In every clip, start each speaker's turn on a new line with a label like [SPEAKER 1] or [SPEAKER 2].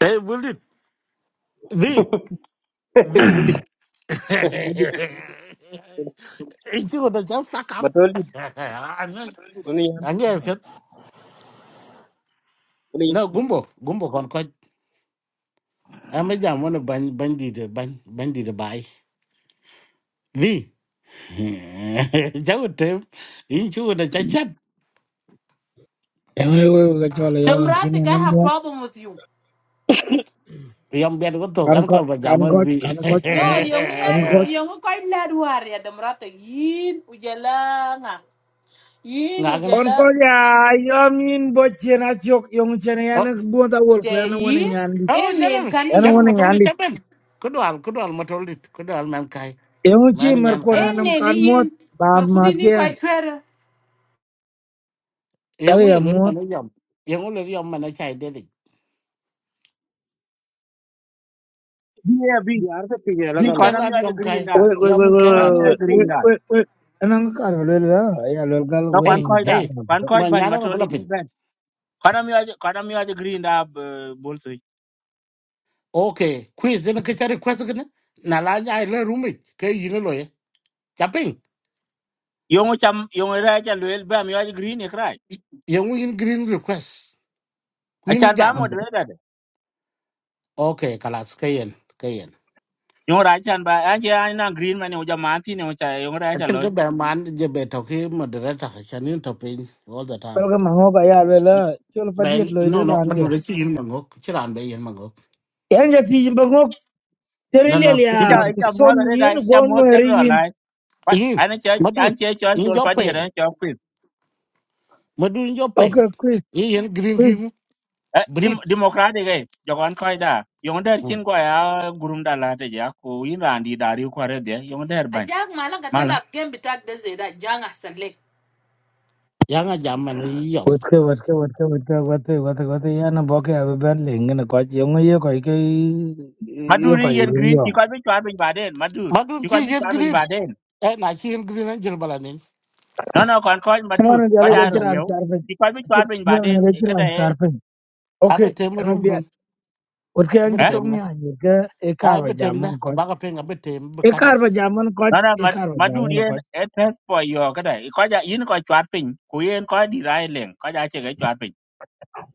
[SPEAKER 1] Hey, Willie, V, V.
[SPEAKER 2] Budi budi,
[SPEAKER 1] Inchi ko da jam suck up.
[SPEAKER 2] batoli,
[SPEAKER 1] Anya,
[SPEAKER 2] only
[SPEAKER 1] anya
[SPEAKER 2] only.
[SPEAKER 1] fit.
[SPEAKER 2] only,
[SPEAKER 1] No, gumbo, gumbo kon ko. Ame jam wana ban bandi de ban bandi de bai. V. Jau tem. Inchi ko da chachat.
[SPEAKER 3] Ewe ka chola yawan chine
[SPEAKER 4] Democratic, I have
[SPEAKER 3] namwe
[SPEAKER 4] problem with you.
[SPEAKER 1] Yam bian ko to
[SPEAKER 3] kan
[SPEAKER 1] kan
[SPEAKER 3] ko
[SPEAKER 1] ko ba
[SPEAKER 3] kan
[SPEAKER 1] jam wana
[SPEAKER 3] ko
[SPEAKER 1] V.
[SPEAKER 3] kan ko kan
[SPEAKER 4] No,
[SPEAKER 3] ko
[SPEAKER 4] young
[SPEAKER 3] kan
[SPEAKER 4] man,
[SPEAKER 3] ko
[SPEAKER 4] young koy ladwar ya Democratic. Yin ujala nga. Yin
[SPEAKER 1] Ngagan.
[SPEAKER 3] on ko
[SPEAKER 4] ujala.
[SPEAKER 3] ya yomin bo chena chok yong chene yan
[SPEAKER 1] Oh,
[SPEAKER 3] bo ta wol ko
[SPEAKER 4] Je
[SPEAKER 3] yan wona
[SPEAKER 4] yin.
[SPEAKER 3] nyandi
[SPEAKER 1] oh,
[SPEAKER 4] En nen
[SPEAKER 1] jangan,
[SPEAKER 4] kan
[SPEAKER 3] yan
[SPEAKER 4] yin.
[SPEAKER 1] jangan
[SPEAKER 3] wona
[SPEAKER 1] matol di
[SPEAKER 3] nyandi
[SPEAKER 1] cepen. Kedual, kedual matol di, kedual man kai,
[SPEAKER 3] yong chi
[SPEAKER 1] man
[SPEAKER 3] mer
[SPEAKER 1] nyan
[SPEAKER 3] ko
[SPEAKER 1] kai.
[SPEAKER 3] na
[SPEAKER 4] En
[SPEAKER 3] nam
[SPEAKER 4] nen
[SPEAKER 3] kan mot
[SPEAKER 4] yin.
[SPEAKER 3] ba
[SPEAKER 4] Pel
[SPEAKER 3] ma
[SPEAKER 4] kudi ni
[SPEAKER 3] kyan
[SPEAKER 4] koy kwera.
[SPEAKER 3] ta
[SPEAKER 1] Yang
[SPEAKER 3] ya
[SPEAKER 1] wi lel
[SPEAKER 3] mot
[SPEAKER 1] mana jam, yang wi lel jam mana chai dedik.
[SPEAKER 5] Yeah, bi
[SPEAKER 6] Yarda piye,
[SPEAKER 5] bi
[SPEAKER 1] in ke
[SPEAKER 6] alagala.
[SPEAKER 5] kwana mi
[SPEAKER 1] lat
[SPEAKER 5] aje
[SPEAKER 1] yom
[SPEAKER 5] green
[SPEAKER 1] kai
[SPEAKER 3] we
[SPEAKER 5] da.
[SPEAKER 3] we we
[SPEAKER 1] yom
[SPEAKER 3] we
[SPEAKER 1] ke
[SPEAKER 5] Kwana
[SPEAKER 1] lat
[SPEAKER 5] mi aje
[SPEAKER 3] we
[SPEAKER 5] green da.
[SPEAKER 3] we we anang kar lo la ya lo gal
[SPEAKER 5] đó
[SPEAKER 3] wona
[SPEAKER 5] kwan koi da.
[SPEAKER 1] ei
[SPEAKER 3] madina na ko
[SPEAKER 5] Kwan koi
[SPEAKER 1] mà
[SPEAKER 5] ban
[SPEAKER 1] nhà nyano ga
[SPEAKER 5] matoli
[SPEAKER 1] bla
[SPEAKER 5] ni
[SPEAKER 1] pin
[SPEAKER 5] ben. Kwana mi aje kwana mi aje green da eh, bolso.
[SPEAKER 1] okay quiz ne ke chari quest ne na la nya le rumi ke gì lo ye chapin
[SPEAKER 5] Yongo cham yongo ra cha lwel ba mi aje green e krai.
[SPEAKER 1] yung in green request
[SPEAKER 5] A
[SPEAKER 1] queen
[SPEAKER 5] chăn ba
[SPEAKER 1] jam
[SPEAKER 5] mo dwe da. de.
[SPEAKER 1] okay kalas ke yen ke yen
[SPEAKER 5] Yongo ra chan ba an che anh na green mane uja manti ne uja yongo ra cha
[SPEAKER 1] achen ke
[SPEAKER 5] loy.
[SPEAKER 1] ber man je be to ki moderator chanin to pin all the time
[SPEAKER 3] tal ga mango ba ya lo la chol
[SPEAKER 1] ben
[SPEAKER 3] padiet lo de
[SPEAKER 1] no no
[SPEAKER 3] ran
[SPEAKER 1] mà madu
[SPEAKER 3] ya
[SPEAKER 1] le chi làm mangok chiran be yin mangok
[SPEAKER 3] yan ja ti bo
[SPEAKER 1] na na
[SPEAKER 3] Jalili ya
[SPEAKER 5] Icha icha mo da re
[SPEAKER 3] kusomi
[SPEAKER 5] da
[SPEAKER 3] yenu
[SPEAKER 5] icha
[SPEAKER 3] gwanu
[SPEAKER 5] mo general
[SPEAKER 3] hariyin.
[SPEAKER 5] lai. But
[SPEAKER 1] yin
[SPEAKER 5] anh che
[SPEAKER 1] madu
[SPEAKER 5] an che cho
[SPEAKER 1] in
[SPEAKER 5] chol
[SPEAKER 1] jo
[SPEAKER 5] fa di
[SPEAKER 1] pain
[SPEAKER 5] ran cho fit.
[SPEAKER 1] madu in jo pain
[SPEAKER 3] Okay, Chris,
[SPEAKER 1] yên green ki
[SPEAKER 3] Chris.
[SPEAKER 1] mu,
[SPEAKER 5] Eh, Dem
[SPEAKER 1] bleed
[SPEAKER 5] democratic eh jogon koi da. Yongo der chin ko à gurum da la te ja ko yin ran đi da ri ko re de yongo der ban.
[SPEAKER 4] Ajak mala
[SPEAKER 5] mala
[SPEAKER 4] gatala kem bitak de zeda janga
[SPEAKER 1] yang a jam man yi yom
[SPEAKER 3] Wetke wetke wetke wetke wetke wetke wetke yana boke abe ben lenge ne kwachi yungu ye kwa ike
[SPEAKER 5] madud
[SPEAKER 3] ye
[SPEAKER 5] ni
[SPEAKER 3] kwa
[SPEAKER 5] yen
[SPEAKER 3] iruri
[SPEAKER 5] green ti
[SPEAKER 3] yong.
[SPEAKER 5] ko bi chwar bin baden madud
[SPEAKER 1] madun
[SPEAKER 5] ti
[SPEAKER 1] ki
[SPEAKER 5] ko bi
[SPEAKER 1] yen
[SPEAKER 5] chwar bin
[SPEAKER 1] green
[SPEAKER 5] baden
[SPEAKER 1] e na ki yen green an jil balanin
[SPEAKER 5] no no kon ko madud
[SPEAKER 3] Mwana
[SPEAKER 5] ko
[SPEAKER 3] jala
[SPEAKER 1] am
[SPEAKER 5] jaro
[SPEAKER 1] jat
[SPEAKER 3] jachira
[SPEAKER 5] riew
[SPEAKER 3] ankarpe.
[SPEAKER 5] ti ko bi chwar bin
[SPEAKER 3] Mwana jala
[SPEAKER 5] baden
[SPEAKER 3] jachira
[SPEAKER 5] kada e
[SPEAKER 3] ankarpe. Okay,
[SPEAKER 1] abe tem
[SPEAKER 3] eno
[SPEAKER 1] rum
[SPEAKER 3] biya.
[SPEAKER 1] dun
[SPEAKER 3] Wetke
[SPEAKER 1] abe
[SPEAKER 3] anji
[SPEAKER 5] eh
[SPEAKER 3] tong
[SPEAKER 1] tem
[SPEAKER 3] ni
[SPEAKER 1] la
[SPEAKER 3] anji wetke ekar wa
[SPEAKER 1] abe tem la
[SPEAKER 3] jamun kwa.
[SPEAKER 1] ba ka peng abe tem be cut
[SPEAKER 3] Ekar
[SPEAKER 1] off
[SPEAKER 3] ba jaman
[SPEAKER 5] no
[SPEAKER 3] koch,
[SPEAKER 5] no Mad-
[SPEAKER 3] ekar ba
[SPEAKER 5] madud
[SPEAKER 3] jaman
[SPEAKER 5] yen
[SPEAKER 3] koch.
[SPEAKER 5] e test for yo kada e ko ja yin ko chwar pin ku yen ko di rai leng ko ja che ga chwar pin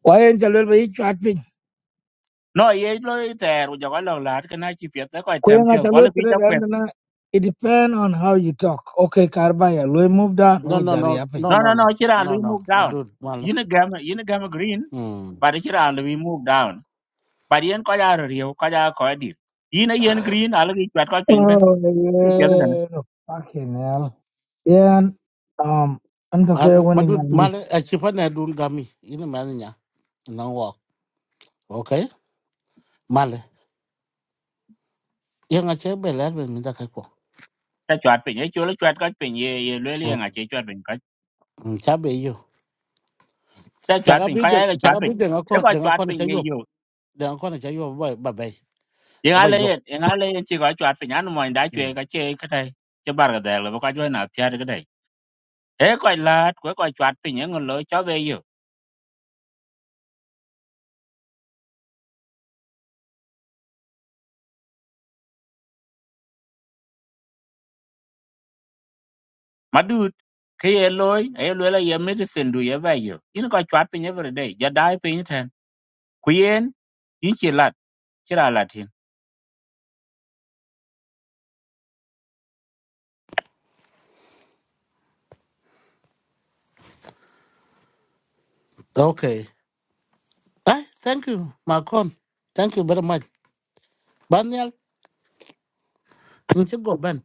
[SPEAKER 3] Why en chalwel ba yi chwat
[SPEAKER 5] no ye lo e ter jo ko lo lat kana chi pet ko tem
[SPEAKER 3] Kuyanga
[SPEAKER 5] pio ko le bi
[SPEAKER 3] Chalwestre
[SPEAKER 5] ta kwet
[SPEAKER 3] na. it depend on how you talk. Okay, Karbaya, we move down,
[SPEAKER 1] no
[SPEAKER 3] we
[SPEAKER 1] no
[SPEAKER 3] jari
[SPEAKER 1] no
[SPEAKER 3] yapping.
[SPEAKER 1] no
[SPEAKER 5] no
[SPEAKER 1] no
[SPEAKER 5] no
[SPEAKER 1] no
[SPEAKER 5] no chi ra
[SPEAKER 1] no
[SPEAKER 5] lu
[SPEAKER 1] no
[SPEAKER 5] move down
[SPEAKER 1] madun mal
[SPEAKER 5] yin e gam yin e gam green
[SPEAKER 1] hmm
[SPEAKER 5] but chi ra lu move down but yen ko ja ro riew ko ja ko di yin a yen green ala gi chwat ko pin ben
[SPEAKER 3] Oh,
[SPEAKER 5] che pye ga na
[SPEAKER 3] yeah. Fucking hell. Yeah, um, I'm
[SPEAKER 1] Ah,
[SPEAKER 3] okay
[SPEAKER 1] m-
[SPEAKER 3] when in
[SPEAKER 1] madun mal
[SPEAKER 3] Yandi.
[SPEAKER 1] a chi pa na dun gami ina man nya na wo okay mal yang a che be la be mi da kai ko
[SPEAKER 5] ta chwat pin ye chulo chwat ko pin ye ye le le nga
[SPEAKER 1] hmm
[SPEAKER 5] che chwat pin ka
[SPEAKER 1] cha be yo
[SPEAKER 5] ta
[SPEAKER 1] cha
[SPEAKER 5] chwat
[SPEAKER 1] ga
[SPEAKER 5] pin
[SPEAKER 1] bi
[SPEAKER 5] ka
[SPEAKER 1] den
[SPEAKER 5] ya
[SPEAKER 1] cha
[SPEAKER 5] chwat
[SPEAKER 1] ga
[SPEAKER 5] pin
[SPEAKER 1] bi den a
[SPEAKER 5] e
[SPEAKER 1] kon
[SPEAKER 5] ko
[SPEAKER 1] den a
[SPEAKER 5] chwat
[SPEAKER 1] kon cha
[SPEAKER 5] pin ye
[SPEAKER 1] yop
[SPEAKER 5] yo
[SPEAKER 1] den a kon cha yop ba ba ba
[SPEAKER 5] ye ga
[SPEAKER 1] ba
[SPEAKER 5] le
[SPEAKER 1] yop
[SPEAKER 5] yen ye ga le yen chi ko chwat pin an mo nda chwe
[SPEAKER 1] hmm
[SPEAKER 5] ka che ka dai che bar ga da le ko jo na tya ga dai e ko lat ko ko chwat pin ye ngolo cho be yo ma du ke ye loy e lo le ye medicine du ye ba yo yin ko chwat pin every day ja dai pin ten ku yen yin chi lat chi ra lat hin
[SPEAKER 1] okay Ai, thank you, Macron. Thank you very much. Banyal, in the go ben.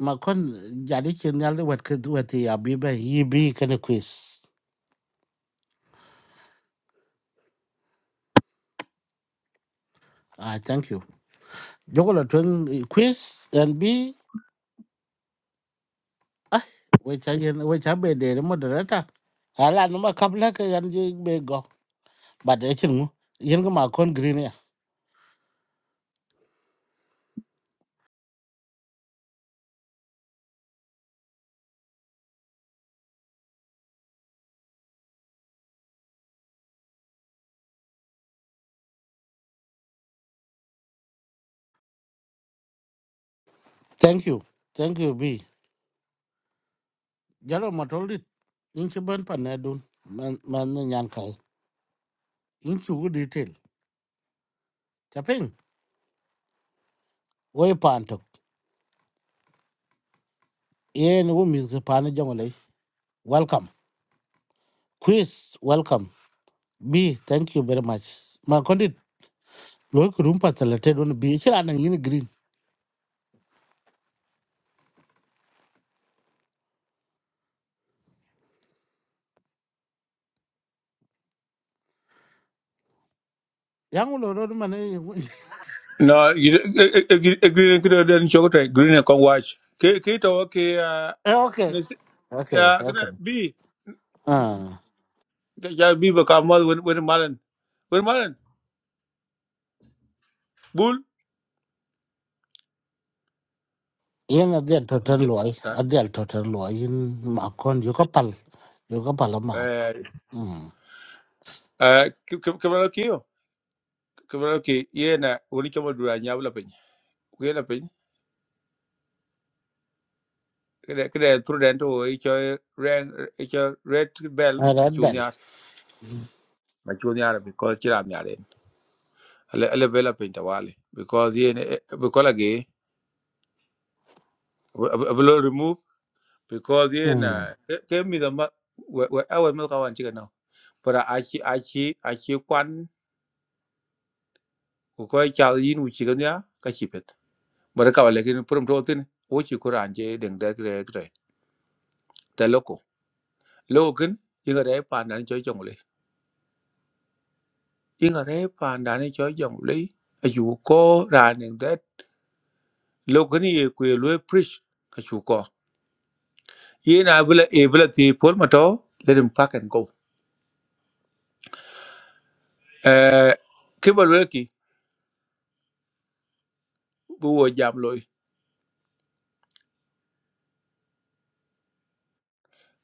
[SPEAKER 1] Macron, jadi chenyal wet kid wet the abiba ye be kind of quiz. Ah, thank you. Jogola twin quiz and b. ah, which I which I be the moderator. Ala numa kabla ka yanji be go. But I chinu yen go Macron green ya. Thank you. Thank you B. Jalo matolit. In chiban panadun man man nyan kai. In chugu detail. Chapin. Way panto. yen wo mi ke pa ne jongole welcome quiz welcome b thank you very much ma kondit lo ko rum pa tele te don bi chira na ni green yang lo ro ma ne
[SPEAKER 7] No, you agree with the chocolate, green and con watch. Kato, okay, uh,
[SPEAKER 1] eh okay okay
[SPEAKER 7] yeah,
[SPEAKER 1] okay
[SPEAKER 7] B.
[SPEAKER 1] ah
[SPEAKER 7] Ya B become mother with with Malin. With Malin, Bull.
[SPEAKER 1] yen a del toten lo ai a del toten lo ai ma kon yo ko pal yo ko pal ma
[SPEAKER 7] Kabalo
[SPEAKER 1] mm
[SPEAKER 7] Kio, Kabalo Ki, Yena, Unikamo Dura, Yavla Pin, Willa Pin, Kede Prudento, each ran, each red bell,
[SPEAKER 1] a
[SPEAKER 7] a
[SPEAKER 1] red bell
[SPEAKER 7] junior, my junior, because Chiran Yaren, a level up in Tawali, because Yen, Bukola below remove because in
[SPEAKER 1] mm
[SPEAKER 7] uh, came me the our milk one chicken now but achi achi achi kwan ko ko cha yin u chicken ya ka chipet but ka wale kin prum to tin o chi ko ran je deng de gre gre te loko lokin inga re pan dan cho jong le inga re pan dan cho jong le ayu ko ran deng de lokin ye ku lo preach ka chu ko yina bla e bla ti pol mato let him pack and go eh kibal weki bu wo jam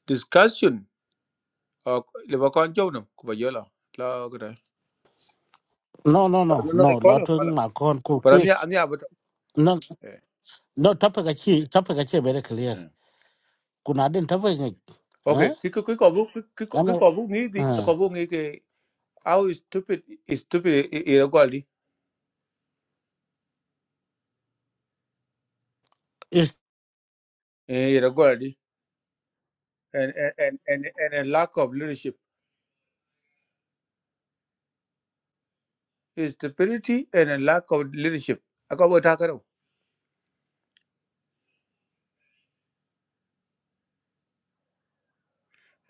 [SPEAKER 7] discussion uh, le ba kon jow nam ku ba yola la ko da
[SPEAKER 1] no no no
[SPEAKER 7] no no e
[SPEAKER 1] no lo
[SPEAKER 7] kola
[SPEAKER 1] to
[SPEAKER 7] kola
[SPEAKER 1] ma kon ko
[SPEAKER 7] par
[SPEAKER 1] quiz
[SPEAKER 7] anya anya ba
[SPEAKER 1] no
[SPEAKER 7] eh
[SPEAKER 1] no topic a chi topic a chi very clear
[SPEAKER 7] eh.
[SPEAKER 1] kuna den topic ni
[SPEAKER 7] okay
[SPEAKER 1] eh
[SPEAKER 7] ki ki ki ko bu ki ki ko ki
[SPEAKER 1] ano
[SPEAKER 7] ko bu ngi di
[SPEAKER 1] Ah.
[SPEAKER 7] ko bu ngi ke how is stupid is stupid irregularity,
[SPEAKER 1] Is
[SPEAKER 7] irregularity, and and and and and a lack of leadership is stupidity and a lack of leadership ako ba ta karo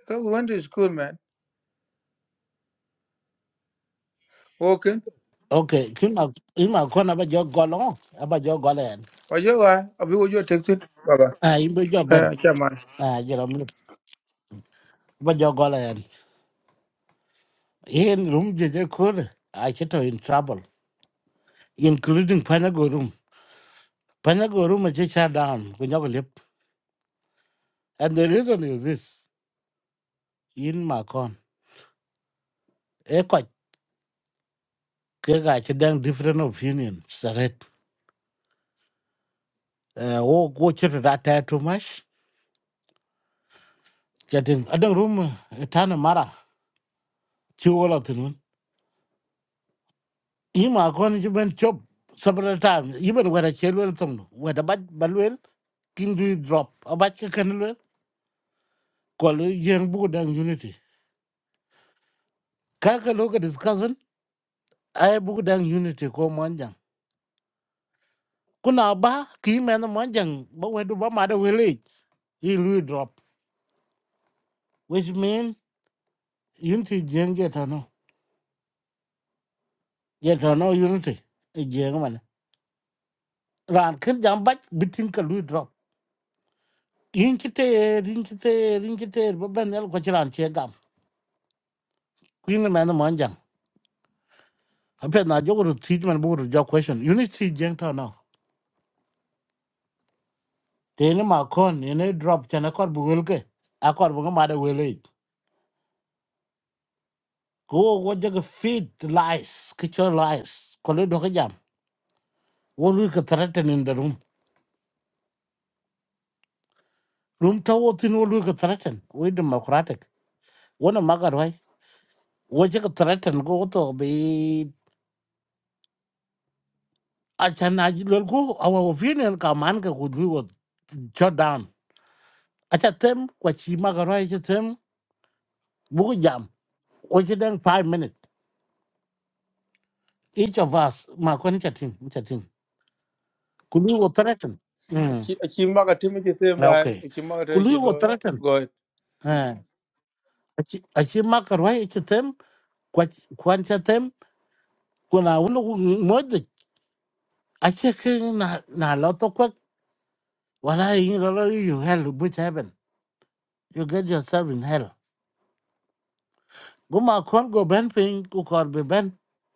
[SPEAKER 7] ko we went to school man okay
[SPEAKER 1] okay. Kima ima kona ba jo golong, ba jo golen.
[SPEAKER 7] wa yo wa abi wo yo texting baba
[SPEAKER 1] Ah, imbe jo ben.
[SPEAKER 7] eh chama
[SPEAKER 1] Ah, jero mi ba jo golen. In room je je kur. I chito in trouble, including Panago room. Panago room je shut down. Kunyago lip. And the reason is this. In ma kon. E kwa kega chidang different opinion. Saret. Uh, oh, go chito that too much. Getting. Adang room. Tana mara. Chiwola tinun. ima kon ci ben chop sabra tam yiben wara chelwel tong wada baj balwel king du drop abaj ka kanwel kol yen bugu dang unity kaka loka discussion ay bugu dang unity ko monjang kuna ba ki men monjang ba wedu ba ma da wele i lu drop which mean unity jeng je tano je tano unity e jeng man ran kin jam baj bitin ka lu drop yin kite yin kite yin kite ba ben el ko chiran che gam kuin men monjang ape na jogo to teach man bugo to jog question you need teach jeng to no tene ma kon ene drop chana kor bugul ke akor bugo ma de wele ko wo jogo feed lies kicho lies ko le do ke jam wo lu ke threaten in the room room to wo tin wo lu ke threaten we democratic wo na magar wai wo jogo threaten go to be achana lol ko awa opinion ka man ka ku wo shut down acha tem kwa chi magar wai acha tem bugo jam wo chi dang 5 minutes each of us ma kon chatin chatin kulu wo threaten mm
[SPEAKER 7] chi chi ma ka timi chi tem ba
[SPEAKER 1] okay
[SPEAKER 7] chi ma ka te chi
[SPEAKER 1] kulu wo threaten
[SPEAKER 7] lo
[SPEAKER 1] eh achi achi ma karwai achi tem kwa kwan chatem kuna ulo modi achi ke na na loto kwa wala yin lo you hell which heaven you get yourself in hell go ma kon go ben pin ku kor be ben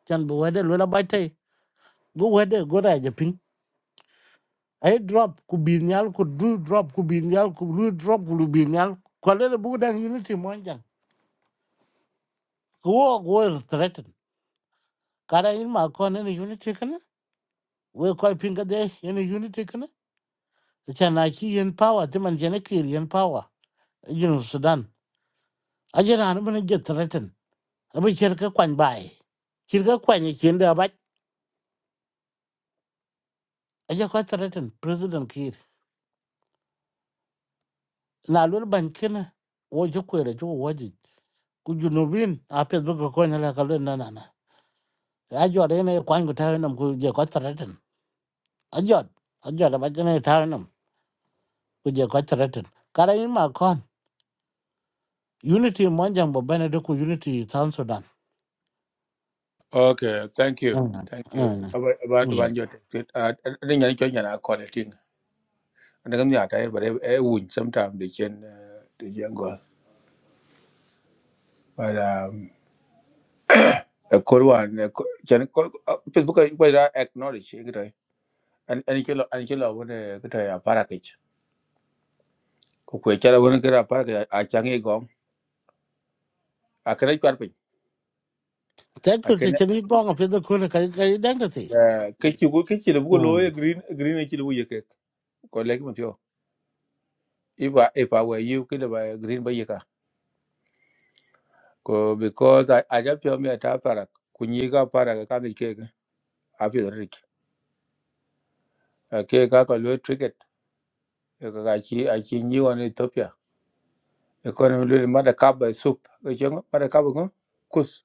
[SPEAKER 1] chan bu wede lo la bai te go wede go ra ai drop ku bin nyal ku du drop ku bin nyal ku du drop ku bin nyal ko le bu dan unity mo jang ko wo is threaten kada in ma ko ne unity kana we ko pin ga de ne unity kana cha na ki yen power ti man jene ki yen power jinu sudan a jena an ban get threaten abi cher ka kwan bai cher ka kwan ye chen da ba a je ko threaten president ki na lul ban kana wo ju ko re ju wo ji ku junubin a pe bu ko ko nyala ka le na na na ai giờ ajot ene kwany ku tawe nam ku je ko threaten ajot ajot ba jene tawe nam ku je ko threaten cái in mà kon unity monjang bo bene de ku unity tan sudan
[SPEAKER 7] Okay, thank you.
[SPEAKER 1] Mm,
[SPEAKER 7] Thank you.
[SPEAKER 1] mm,
[SPEAKER 7] About about about
[SPEAKER 1] mm.
[SPEAKER 7] your good. Uh, I think I join your quality. And I'm not tired, but I would sometimes they can uh, the young girl. But um, a good one. A can Facebook I I acknowledge it. right? And and you and you love the good a package. Kukwe chala wana kira package a changi gom. A kana chwarpin.
[SPEAKER 1] te
[SPEAKER 7] A
[SPEAKER 1] ku te
[SPEAKER 7] kana
[SPEAKER 1] chen ni bong pe de ku ka ka identity
[SPEAKER 7] kichi bu kichi le bu lo eh,
[SPEAKER 1] Mm.
[SPEAKER 7] green green kichi le bu yeke. Ko leki mtio. If I if I were you, kila ba green ba yeka. ko because a a ja pyo me ta para ku nyi ga para ga ka ni ke ga a pyo ri ki a ke ka ko lo ticket e ka ga chi a chi nyi wa ni wan Ethiopia e ko no lo ma da ka ba soup e che ma da ka ba ko kus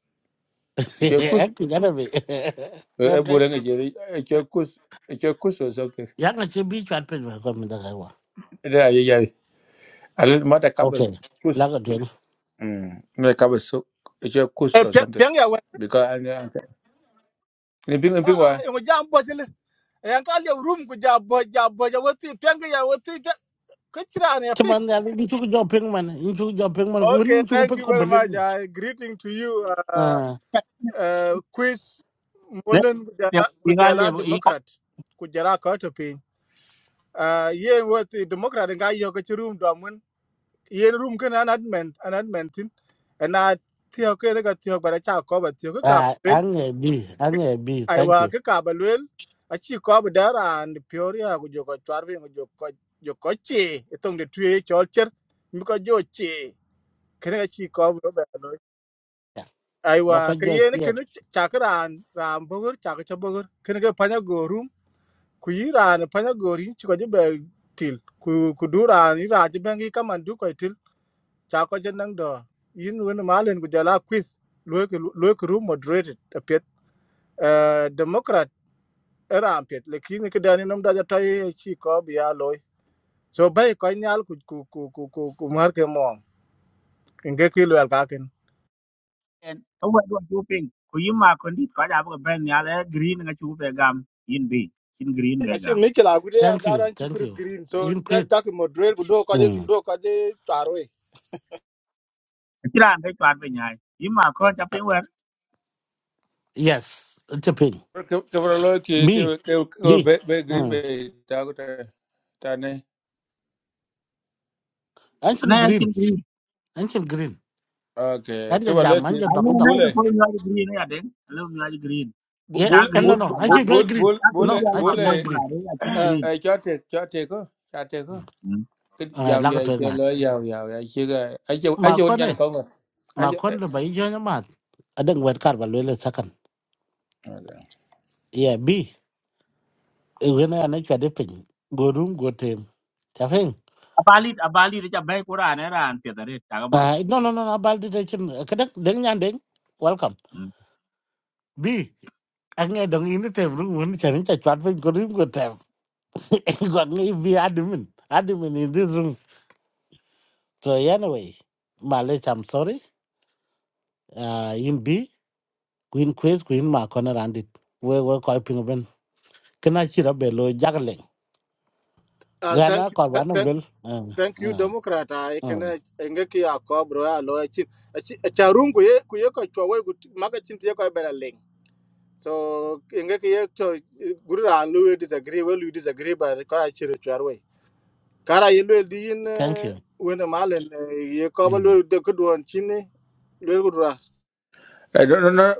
[SPEAKER 7] e che kus
[SPEAKER 1] ek ti gana be
[SPEAKER 7] e
[SPEAKER 1] đấy,
[SPEAKER 7] bu
[SPEAKER 1] trek
[SPEAKER 7] re ngi e che kus e che kus or something
[SPEAKER 1] ya na chi bi chat phải ba ko mi da ka wa
[SPEAKER 7] da ya ya a lo ma da ka ba
[SPEAKER 1] okay la
[SPEAKER 7] kus
[SPEAKER 1] ka tuen
[SPEAKER 7] mm me ka ba soup e che kus or something
[SPEAKER 8] piang ya wen
[SPEAKER 7] because and ni ping ping
[SPEAKER 8] ah
[SPEAKER 7] wa
[SPEAKER 8] ah yong jam bo jil yang ka le room ku ja bo ja bo ja wati piang ya wati ka chira ne
[SPEAKER 1] ti
[SPEAKER 8] ping
[SPEAKER 1] man ya ni chu jo ping man in chu jo ping man ku
[SPEAKER 8] okay
[SPEAKER 1] ni chu ko
[SPEAKER 8] thank
[SPEAKER 1] ping
[SPEAKER 8] you
[SPEAKER 1] ko
[SPEAKER 8] very much i greeting to you uh,
[SPEAKER 1] à.
[SPEAKER 8] uh quiz
[SPEAKER 5] ne
[SPEAKER 8] molen ku
[SPEAKER 5] ne
[SPEAKER 8] jala ku
[SPEAKER 5] inga
[SPEAKER 8] jala
[SPEAKER 5] lebo inga
[SPEAKER 8] democrat ku jala ka to ping uh yen wati democrat nga yo ka chi room do mun yen room kan an admin an admin tin and i tiyo ke ga tiyo bara cha ko ba tiyo ka
[SPEAKER 1] Uh, Ange B, Ange B,
[SPEAKER 8] aiwa
[SPEAKER 1] thank you.
[SPEAKER 8] ke ka ba lwel achi ko ba dara and pioria go jo ko charvi go jo ko jo ko chi etong de tue chol cher mi ko jo chi kene achi ko ba ba lo
[SPEAKER 1] Yeah.
[SPEAKER 8] aiwa ke
[SPEAKER 1] Bakojo
[SPEAKER 8] ye
[SPEAKER 1] is
[SPEAKER 8] ne
[SPEAKER 1] here.
[SPEAKER 8] kene chakran ram bogur chak cha bogur kene ke panya go rum ku ira ne panya go rin chi ko je ba til ku ku dura ni ra je bengi kaman du ko til cha ko je nang do yin wen malen go jala quiz lo ke lo ke room moderated apet era ampet lakini kidani num da ta ye chi ko bi ya loy so bay ko nyal ku ku ku ku ku, ku mar ke mom inge ki lwel ka ken
[SPEAKER 5] en to wa do ju ping ku yima ko ndit ko ja bo ben ya le green nga chu be gam in bi chin green be gam
[SPEAKER 8] achin mi kila ku dia
[SPEAKER 1] Thank you,
[SPEAKER 8] daran chi
[SPEAKER 1] thank
[SPEAKER 8] kur
[SPEAKER 1] you.
[SPEAKER 8] green so
[SPEAKER 1] In quick.
[SPEAKER 8] just dak mo drer ku do ko je
[SPEAKER 1] Mm.
[SPEAKER 8] do ko je taro e
[SPEAKER 5] kiran be twat be nyai yima ko ja
[SPEAKER 1] Uh,
[SPEAKER 5] ping wer
[SPEAKER 1] yes, it's a pin.
[SPEAKER 7] ke ke lo ki ke
[SPEAKER 1] B,
[SPEAKER 7] ke ke- ke-
[SPEAKER 1] B.
[SPEAKER 7] be be green
[SPEAKER 1] Mm.
[SPEAKER 7] bay ta ko ta ta ne
[SPEAKER 5] na
[SPEAKER 1] Ancient
[SPEAKER 5] ya chin
[SPEAKER 1] green,
[SPEAKER 5] green
[SPEAKER 1] ancient green.
[SPEAKER 7] Okay, que
[SPEAKER 1] Ancient jam,
[SPEAKER 7] baleti
[SPEAKER 5] a
[SPEAKER 1] ancient
[SPEAKER 5] ne
[SPEAKER 1] dog
[SPEAKER 5] na
[SPEAKER 1] dog.
[SPEAKER 5] ko
[SPEAKER 7] bule
[SPEAKER 5] ko nyari green ya den le nyari green
[SPEAKER 1] Yeah,
[SPEAKER 5] ja
[SPEAKER 7] bule
[SPEAKER 1] eh,
[SPEAKER 5] green
[SPEAKER 1] no,
[SPEAKER 7] bule
[SPEAKER 5] ka
[SPEAKER 1] no,
[SPEAKER 5] gam
[SPEAKER 1] ancient male green.
[SPEAKER 7] bule
[SPEAKER 5] ja green
[SPEAKER 7] bule
[SPEAKER 1] No,
[SPEAKER 5] ya le ba
[SPEAKER 1] ancient
[SPEAKER 5] gam
[SPEAKER 1] male
[SPEAKER 7] bule
[SPEAKER 5] ku la
[SPEAKER 1] green.
[SPEAKER 5] re ya chin
[SPEAKER 8] eh
[SPEAKER 5] green
[SPEAKER 7] ai cho thiệt cho thiệt cơ cho thiệt cơ cái
[SPEAKER 1] Uh,
[SPEAKER 7] dòng này
[SPEAKER 1] lago
[SPEAKER 7] ai
[SPEAKER 1] to
[SPEAKER 7] chơi
[SPEAKER 1] nga.
[SPEAKER 7] lỡ giàu giàu ai chơi cái ai chơi ai
[SPEAKER 1] Ma
[SPEAKER 7] chơi hôn nhân
[SPEAKER 1] kone,
[SPEAKER 7] con rồi ai
[SPEAKER 1] ma
[SPEAKER 7] chơi
[SPEAKER 1] kone le bai jo nyama. Adeng wet kar ba lele sakan. Yeah, B. Iwena ane chade pin. Go room, go team. Chafing.
[SPEAKER 5] abalit abalit ja be ku ran ran pe da re ta ga ba
[SPEAKER 1] Uh, no, no, no, no, baldi de chen kadang deng nyan deng. Welcome. Bi, ange dong ini tem room mun chen cha chat pin ko rim ko tem. Ko ngi bi admin. Admin in this room. So anyway, Malech, I'm sorry. Uh, in bi, queen quiz queen ma corner and it. We we ko pin ben. Kana chira be lo jagleng.
[SPEAKER 8] ah,
[SPEAKER 1] Gana
[SPEAKER 8] thank you
[SPEAKER 1] ko
[SPEAKER 8] th-
[SPEAKER 1] banam
[SPEAKER 8] th-
[SPEAKER 1] lel. Uh,
[SPEAKER 8] thank you
[SPEAKER 1] uh,
[SPEAKER 8] democrat i can
[SPEAKER 1] uh.
[SPEAKER 8] inge ki ya ko bro ya loy chi achi cha rung ku ye ku ye ko chwa we ku maga chin ti ye ko bela leng so inge ki ye to guru ran lu disagree we lu disagree ba ko chi ro chwa kara ye lwel di yin
[SPEAKER 1] Thank you.
[SPEAKER 8] wene malen ye koba
[SPEAKER 1] Mm.
[SPEAKER 8] lwel de kudwon chini lwel kudra
[SPEAKER 7] cái đó nó nó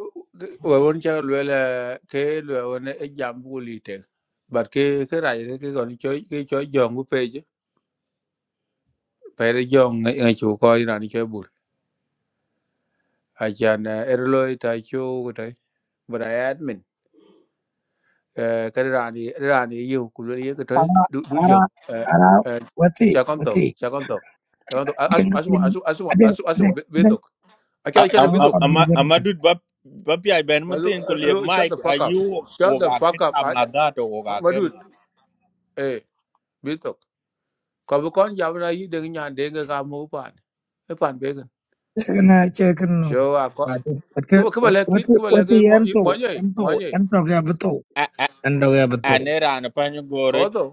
[SPEAKER 7] ở bên chơi lừa là cái lừa bên ấy dòng bule thế bật cái cái này đấy, cái còn chơi cái chơi giòn của pe chứ phải là giòn ngay ngay chỗ coi là đi chơi bule ai chơi nè erloi tai chú cái đấy bữa nay admin Ehm, cái đó rà nì rà nì yêu kulwe ye ke toy
[SPEAKER 3] Ara,
[SPEAKER 7] du du yo.
[SPEAKER 3] ara,
[SPEAKER 7] Eh
[SPEAKER 3] ara,
[SPEAKER 7] eh
[SPEAKER 3] wati,
[SPEAKER 7] cha konto,
[SPEAKER 3] wati.
[SPEAKER 7] cha konto. Cha konto asu
[SPEAKER 3] Ding,
[SPEAKER 7] asu
[SPEAKER 3] ding,
[SPEAKER 7] asu asu
[SPEAKER 3] ade,
[SPEAKER 7] asu asu
[SPEAKER 3] ade, ade.
[SPEAKER 7] betok. Acha acha le
[SPEAKER 3] Nango
[SPEAKER 7] betok.
[SPEAKER 3] kwa biyu gana.
[SPEAKER 9] Amadou ba ba pi ai ben
[SPEAKER 7] Malu
[SPEAKER 9] matin ko liep
[SPEAKER 7] alo shut
[SPEAKER 9] mic
[SPEAKER 7] the
[SPEAKER 9] a
[SPEAKER 7] fuck up.
[SPEAKER 9] yu wo
[SPEAKER 7] Shut the
[SPEAKER 9] ga ke
[SPEAKER 7] fuck
[SPEAKER 9] ta
[SPEAKER 7] up.
[SPEAKER 9] ma
[SPEAKER 7] Aja
[SPEAKER 9] da to wo ga ke
[SPEAKER 7] madu
[SPEAKER 9] ma
[SPEAKER 7] eh betok. Ko bu kon jam na yi de nyan de ga ga mu pan. E pan be gan.
[SPEAKER 3] Isa na check no.
[SPEAKER 7] Sho a ko.
[SPEAKER 3] wati,
[SPEAKER 7] Kuba kuba le kit
[SPEAKER 3] wati,
[SPEAKER 7] kuba le ke
[SPEAKER 3] wati,
[SPEAKER 7] mo mo
[SPEAKER 3] ento,
[SPEAKER 7] nyai mo
[SPEAKER 3] ento,
[SPEAKER 7] nyai.
[SPEAKER 3] ento kaya betul.
[SPEAKER 9] a a
[SPEAKER 3] Ento kaya
[SPEAKER 9] a ne
[SPEAKER 3] betul.
[SPEAKER 9] ra na pa ni gore
[SPEAKER 7] Ko to.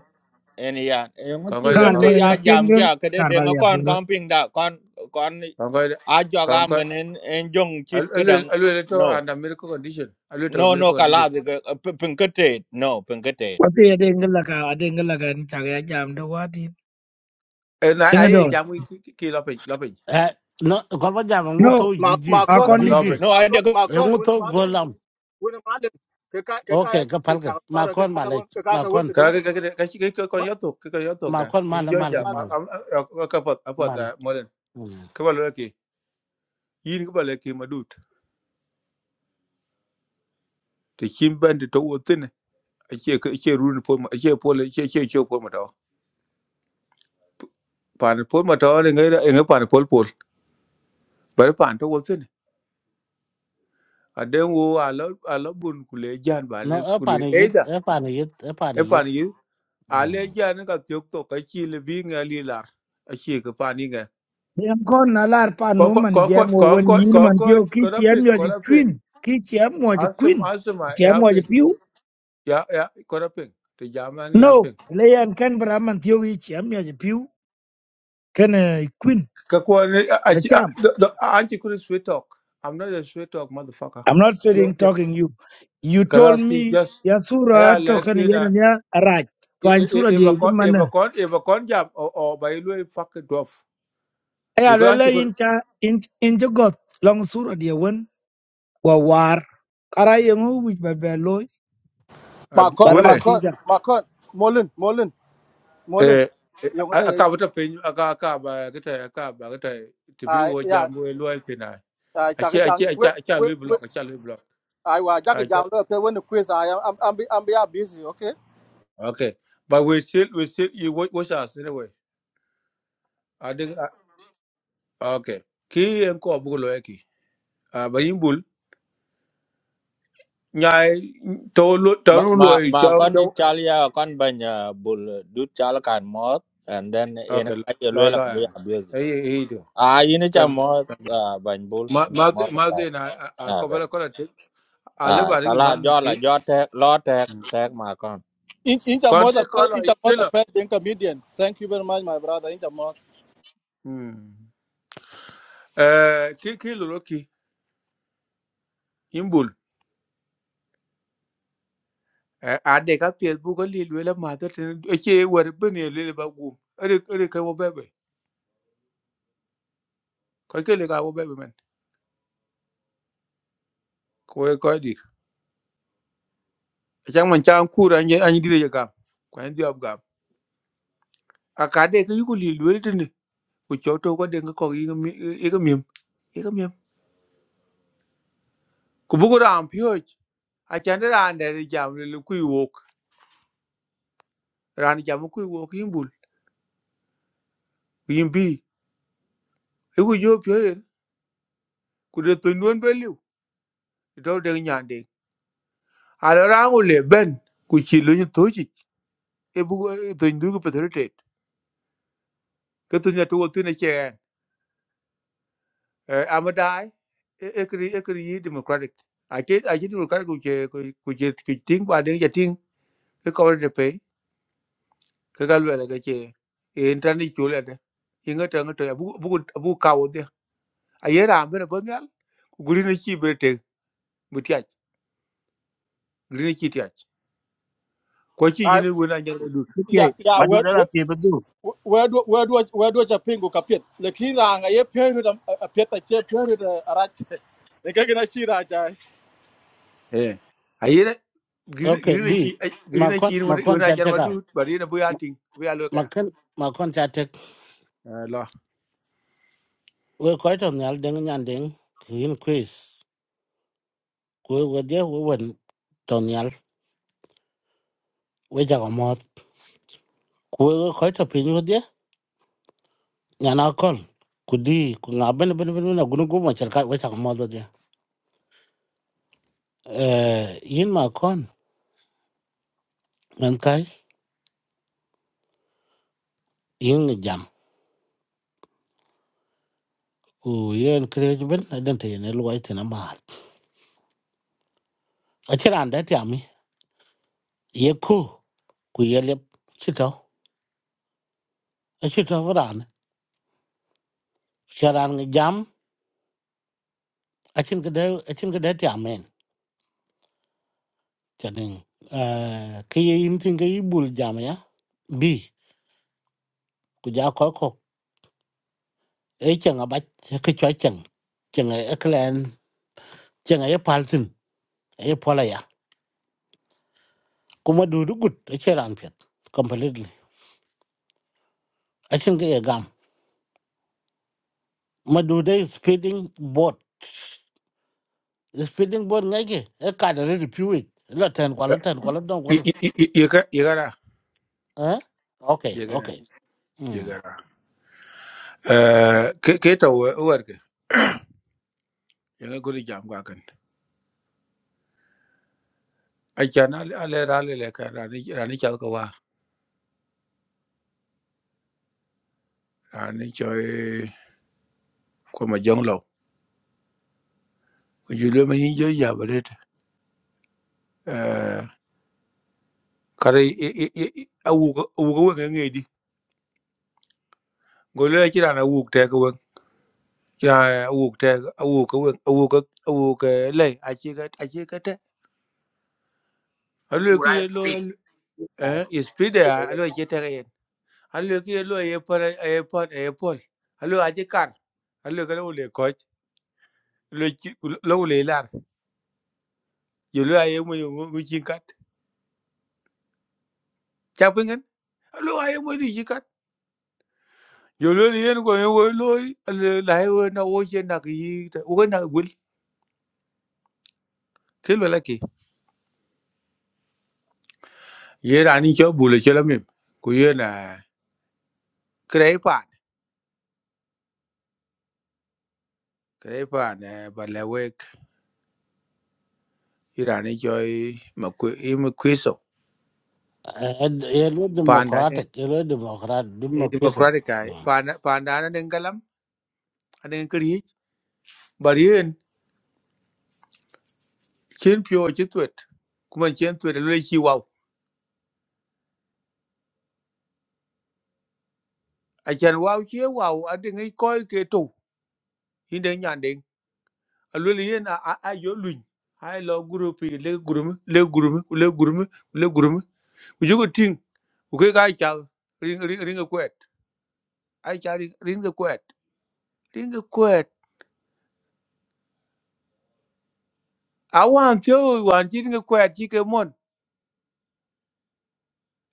[SPEAKER 9] en ya e mo
[SPEAKER 7] Kon
[SPEAKER 9] ti
[SPEAKER 7] ko da
[SPEAKER 9] won te
[SPEAKER 7] kon
[SPEAKER 9] ya
[SPEAKER 3] Karbaya,
[SPEAKER 9] jam
[SPEAKER 3] pingal,
[SPEAKER 9] ga ke de de ngo
[SPEAKER 3] Karbaya,
[SPEAKER 9] kon
[SPEAKER 3] yapin,
[SPEAKER 9] kon ping da kon kon
[SPEAKER 7] kon ko da.
[SPEAKER 9] a jo ga
[SPEAKER 7] Kon ko
[SPEAKER 9] men en en jong chi ke
[SPEAKER 7] alo
[SPEAKER 9] dang
[SPEAKER 7] alo to
[SPEAKER 9] no
[SPEAKER 7] under miracle condition. Alo
[SPEAKER 9] no
[SPEAKER 7] to
[SPEAKER 9] no
[SPEAKER 7] miracle
[SPEAKER 9] ka
[SPEAKER 7] condition.
[SPEAKER 9] la de pin ke te no pin ke te
[SPEAKER 3] Wati ya denga laka, denga laka ni chaga jam do wati.
[SPEAKER 7] Eh, na
[SPEAKER 3] Denga
[SPEAKER 7] ai
[SPEAKER 3] do.
[SPEAKER 7] jamu ki ki lo pin lo pin
[SPEAKER 1] Uh, no, ko ba jam ngu
[SPEAKER 3] No,
[SPEAKER 1] to
[SPEAKER 8] ma ma
[SPEAKER 1] jiji.
[SPEAKER 8] kon
[SPEAKER 7] lo
[SPEAKER 8] ma
[SPEAKER 3] akondi.
[SPEAKER 7] lo
[SPEAKER 8] kon
[SPEAKER 7] pin
[SPEAKER 1] Jiji.
[SPEAKER 9] no
[SPEAKER 8] ma
[SPEAKER 9] ai de
[SPEAKER 8] kon ma
[SPEAKER 1] Ye
[SPEAKER 8] kon
[SPEAKER 1] ngu
[SPEAKER 8] wene
[SPEAKER 1] to
[SPEAKER 8] malen
[SPEAKER 1] golam.
[SPEAKER 8] wene malen ke ka ke ka ya
[SPEAKER 1] Okay, ka
[SPEAKER 8] ke ta
[SPEAKER 1] palke.
[SPEAKER 8] para ke
[SPEAKER 1] Makon
[SPEAKER 8] ka ka
[SPEAKER 1] mala,
[SPEAKER 8] won ke ka ka won ke
[SPEAKER 1] makon,
[SPEAKER 7] ka
[SPEAKER 8] demu
[SPEAKER 7] ka ka ka ki ko ko
[SPEAKER 8] ma
[SPEAKER 7] yo tok ko yo tok da
[SPEAKER 1] makon
[SPEAKER 7] im
[SPEAKER 1] mala
[SPEAKER 7] jo
[SPEAKER 1] mala
[SPEAKER 7] ja
[SPEAKER 8] ma
[SPEAKER 1] mala
[SPEAKER 7] ka ka pot a pot da
[SPEAKER 1] mala.
[SPEAKER 7] molen
[SPEAKER 1] Mm.
[SPEAKER 7] ka ba lo ki yin ka ba le ki madut te kin ban de to otin a ke ka ke run po ma ke po le ke ke ke po ma to pan po ma to ne ngai ngai pan po po ba pan to otin a den wo a lo a lo bun ku le jan ba ne
[SPEAKER 1] No,
[SPEAKER 7] ku
[SPEAKER 1] apa
[SPEAKER 7] le
[SPEAKER 1] ni
[SPEAKER 7] e
[SPEAKER 1] yit,
[SPEAKER 7] da
[SPEAKER 1] apa ni yit, apa ni
[SPEAKER 7] e
[SPEAKER 1] yit.
[SPEAKER 7] pan yi a le
[SPEAKER 1] Mm.
[SPEAKER 7] jan ka tyok to ka ki le bi ngali lar a ke ka pan
[SPEAKER 3] Dem kon alar pa no
[SPEAKER 7] Concord,
[SPEAKER 3] man jam
[SPEAKER 7] Concord,
[SPEAKER 3] wo wen
[SPEAKER 7] Concord,
[SPEAKER 3] yin man
[SPEAKER 7] Concord,
[SPEAKER 3] tio ki chiam
[SPEAKER 7] Kodaping,
[SPEAKER 3] yo ji
[SPEAKER 7] Kodaping.
[SPEAKER 3] queen. Ki chiam wo ji
[SPEAKER 7] Asum,
[SPEAKER 3] queen. Ku
[SPEAKER 7] Asuma,
[SPEAKER 3] Chiam wo ji
[SPEAKER 7] Yaping.
[SPEAKER 3] piu.
[SPEAKER 7] Ya, ya, Kodaping. The German
[SPEAKER 3] No,
[SPEAKER 7] Yaping.
[SPEAKER 3] leyan kan bra man tio ki chiam yo ji piu. Kan eh, queen.
[SPEAKER 7] Kakwani,
[SPEAKER 3] The cham.
[SPEAKER 7] Auntie couldn't sweet talk. I'm not a sweet talk, motherfucker.
[SPEAKER 3] I'm not
[SPEAKER 7] Yeah,
[SPEAKER 3] sitting
[SPEAKER 7] yeah.
[SPEAKER 3] talking you. You told
[SPEAKER 7] Kalaski
[SPEAKER 3] me
[SPEAKER 7] just,
[SPEAKER 3] ya sura
[SPEAKER 7] I
[SPEAKER 3] to
[SPEAKER 7] like
[SPEAKER 3] kan
[SPEAKER 7] in a,
[SPEAKER 3] yen ya raj. Twan sura
[SPEAKER 7] if a
[SPEAKER 3] di ji
[SPEAKER 7] con,
[SPEAKER 3] man.
[SPEAKER 7] if a con, if a con jab, or, or by the way, fuck it off.
[SPEAKER 3] Aya
[SPEAKER 7] Because Auntie
[SPEAKER 3] lela
[SPEAKER 7] could,
[SPEAKER 3] in cha in in ji got long sura di wen. war kara yengu wich ba be loy
[SPEAKER 7] uh,
[SPEAKER 8] ma kon
[SPEAKER 3] bara
[SPEAKER 8] ma
[SPEAKER 7] bully,
[SPEAKER 3] ti
[SPEAKER 8] kon
[SPEAKER 3] ja
[SPEAKER 8] ma kon molen molen molen
[SPEAKER 7] eh, eh,
[SPEAKER 8] yo
[SPEAKER 7] I
[SPEAKER 8] ngata ye
[SPEAKER 7] can't put a pin, I can't, I can't, I can't, I can't,
[SPEAKER 8] a
[SPEAKER 7] I can't, I
[SPEAKER 8] ya
[SPEAKER 7] can't, I can't,
[SPEAKER 8] a cha ke
[SPEAKER 7] Ache,
[SPEAKER 8] jang
[SPEAKER 7] ache, ache,
[SPEAKER 8] we
[SPEAKER 7] ache, a
[SPEAKER 8] we
[SPEAKER 7] Louis
[SPEAKER 8] we
[SPEAKER 7] block, ache, a Louis block.
[SPEAKER 8] ai wa ja ke
[SPEAKER 7] Ache.
[SPEAKER 8] jang lo pe wene quiz i am am am be busy okay
[SPEAKER 7] Okay. But we still, we still, you watch, watch us anyway. I think, uh, okay. Ki en ko abu lo eki. Ah, ba yimbul. Nyai, to lo, to
[SPEAKER 9] ma
[SPEAKER 7] lo
[SPEAKER 9] ma
[SPEAKER 7] lo e,
[SPEAKER 9] ma
[SPEAKER 7] chao
[SPEAKER 9] kon ni
[SPEAKER 7] chao,
[SPEAKER 9] chal ya kon ban bul du chal kan mot and then en
[SPEAKER 7] Okay,
[SPEAKER 9] ka ye le
[SPEAKER 7] la, la,
[SPEAKER 9] la ka
[SPEAKER 7] la.
[SPEAKER 9] ya
[SPEAKER 7] Hey, hey, hey, do.
[SPEAKER 9] à ini cha
[SPEAKER 7] Thank you.
[SPEAKER 9] mo à bánh bún
[SPEAKER 7] Ma,
[SPEAKER 9] ini cha
[SPEAKER 7] ma,
[SPEAKER 9] mo là
[SPEAKER 7] ma,
[SPEAKER 9] phải
[SPEAKER 7] then I, I, I,
[SPEAKER 9] à
[SPEAKER 7] cover
[SPEAKER 9] cái
[SPEAKER 7] the color. I live
[SPEAKER 9] à
[SPEAKER 7] at
[SPEAKER 9] cả
[SPEAKER 7] the
[SPEAKER 9] là
[SPEAKER 7] man.
[SPEAKER 9] do là do thế lo thế thế mà con
[SPEAKER 8] Inch, inch a mother,
[SPEAKER 7] Country color,
[SPEAKER 8] inch
[SPEAKER 7] you
[SPEAKER 8] a mother,
[SPEAKER 7] killer.
[SPEAKER 8] pet, then comedian. Thank you very much, my brother. Inch
[SPEAKER 7] Hmm. Eh, ki, ki lo lo ki. Eh, a de ka pie bu ko li lwe la ma ta tin e che wer bu ne le ba gu ere ere ka wo bebe ko ke le ka wo bebe men ko e ko di e chang man chang ku ra ye an di re ga ko en di ob ga a ka de ka yu ko li lu de ne ko cho to ko de ka ko yi mi e ga mi e ga mi ko bu ko ran pyo a chan de ran de ri jam le ku wo ran jam ku wo yin bul yin bi e ku jo pyo e ku de to non be liu to de nya de a ra ko le ben ku chi lu ni to e bu to ndu ko petritet ke to nyato wo tine che amadai e kri e kri yi democratic a che a che democratic ku che ku che ku ting ba ding ya ting ke ko de pe ke ga lwa ga che e intani chule de inga ta ngato ya bu bu bu ka wo de a ye ra me bo nyal ku guri ne chi brete bu tiach guri ne chi tiach ko chi
[SPEAKER 8] Ah,
[SPEAKER 7] yine wo na nyar du
[SPEAKER 5] ti ti
[SPEAKER 8] ya ya
[SPEAKER 5] ma du
[SPEAKER 8] we
[SPEAKER 5] da la
[SPEAKER 8] we
[SPEAKER 5] ti be du
[SPEAKER 8] we do we do we do ja pingu ka pet lekin la nga ye peru da a pet a che peru da rach ne ka gina shi raja
[SPEAKER 7] e a ye
[SPEAKER 1] Okay,
[SPEAKER 7] guri ne
[SPEAKER 1] B.
[SPEAKER 7] chi guri ne
[SPEAKER 1] Makon,
[SPEAKER 7] chi wo
[SPEAKER 1] makon
[SPEAKER 7] na nyar
[SPEAKER 1] chatek
[SPEAKER 7] ma du
[SPEAKER 1] out.
[SPEAKER 7] ba ri ne bu ya ting bu ya lo ka
[SPEAKER 1] Makon, makon chatek.
[SPEAKER 7] la
[SPEAKER 1] We koi to nyal deng nyan deng. Kin quiz. Kwe we dia we wen to nyal. We jago mot. Kwe we koi to pin we dia. Nyan akol. Kudi, ku ngaben ben ben ben na gunu gumo cerkat we jago mot dia. Eh, yin makon. Men kai, yin jam. ku yen kreej ben na den te ne luai te na ma a chiran da ti ami ye ku ku ye lep chito a chito vran charan ngi jam a chin ke de a chin ke de ti amen chanin eh ke ye in tin ke i bul jam ya bi ku ja ko ko e chen a ba ke cho chen chen e klen chen e pal tin e pola ya kuma du du gut a chiran pet completely a chin ke ye gam ma du de speeding boat speeding boat ngay kì e cả đời đi phiu ít là thèn quá là thèn quá là đông quá
[SPEAKER 7] Y-
[SPEAKER 1] là
[SPEAKER 7] y- y- y- Llega, llegará,
[SPEAKER 1] à ok ok
[SPEAKER 7] llegará,
[SPEAKER 1] um
[SPEAKER 7] llegará. Eh, ¿Qué qué te voy a ver? Llega con el jam guacan. Hay que analizar la leca, la ni la ni chal kawa, la ni choy como jonglo. Yo le me injo ya bret. Eh, kare i i i awu awu ko ngi di. Golo ci ran awu te ko wen. Ya awu te awu ko wen awu ko awu ko le a ci ga a ci ga te.
[SPEAKER 5] a wu
[SPEAKER 7] Alo
[SPEAKER 5] ra
[SPEAKER 7] ki lo
[SPEAKER 5] speed Uh,
[SPEAKER 7] eh speed
[SPEAKER 5] speed
[SPEAKER 7] a
[SPEAKER 5] over
[SPEAKER 7] lo ci te alwe ki lo ye por ye por ye por alwe aje kar alwe ka lo le koch lo lo le lar yo lo aye mo yo mo chin kat cha pingen alwe aye mo di chi kat yo lo le yen ko yo lo alwe la he wo na wo che na ki wo ko na gul ke lo la ki ye ra ni cho bu le che la mem ku ye na krei pa krei pa na ba le we ye ra ni cho ma ku i ma ku so
[SPEAKER 1] e lo
[SPEAKER 7] pa na
[SPEAKER 1] democratic e lo democrat democratic
[SPEAKER 7] democratic ai. pa na pa na na ngalam anen kriye chen pyo chi tuyệt kuma chen tuyệt là lu chi wow a chen wow chi wow a de ngai koi ke tu hin de nyan de a lu li na a a yo lu hai lo group le group le group le guru le group u ju ko ting u ke ga cha ring ring ring ko et ai cha ring ring ko et ring ko et a wan thio wan chi ring ko et chi ke mon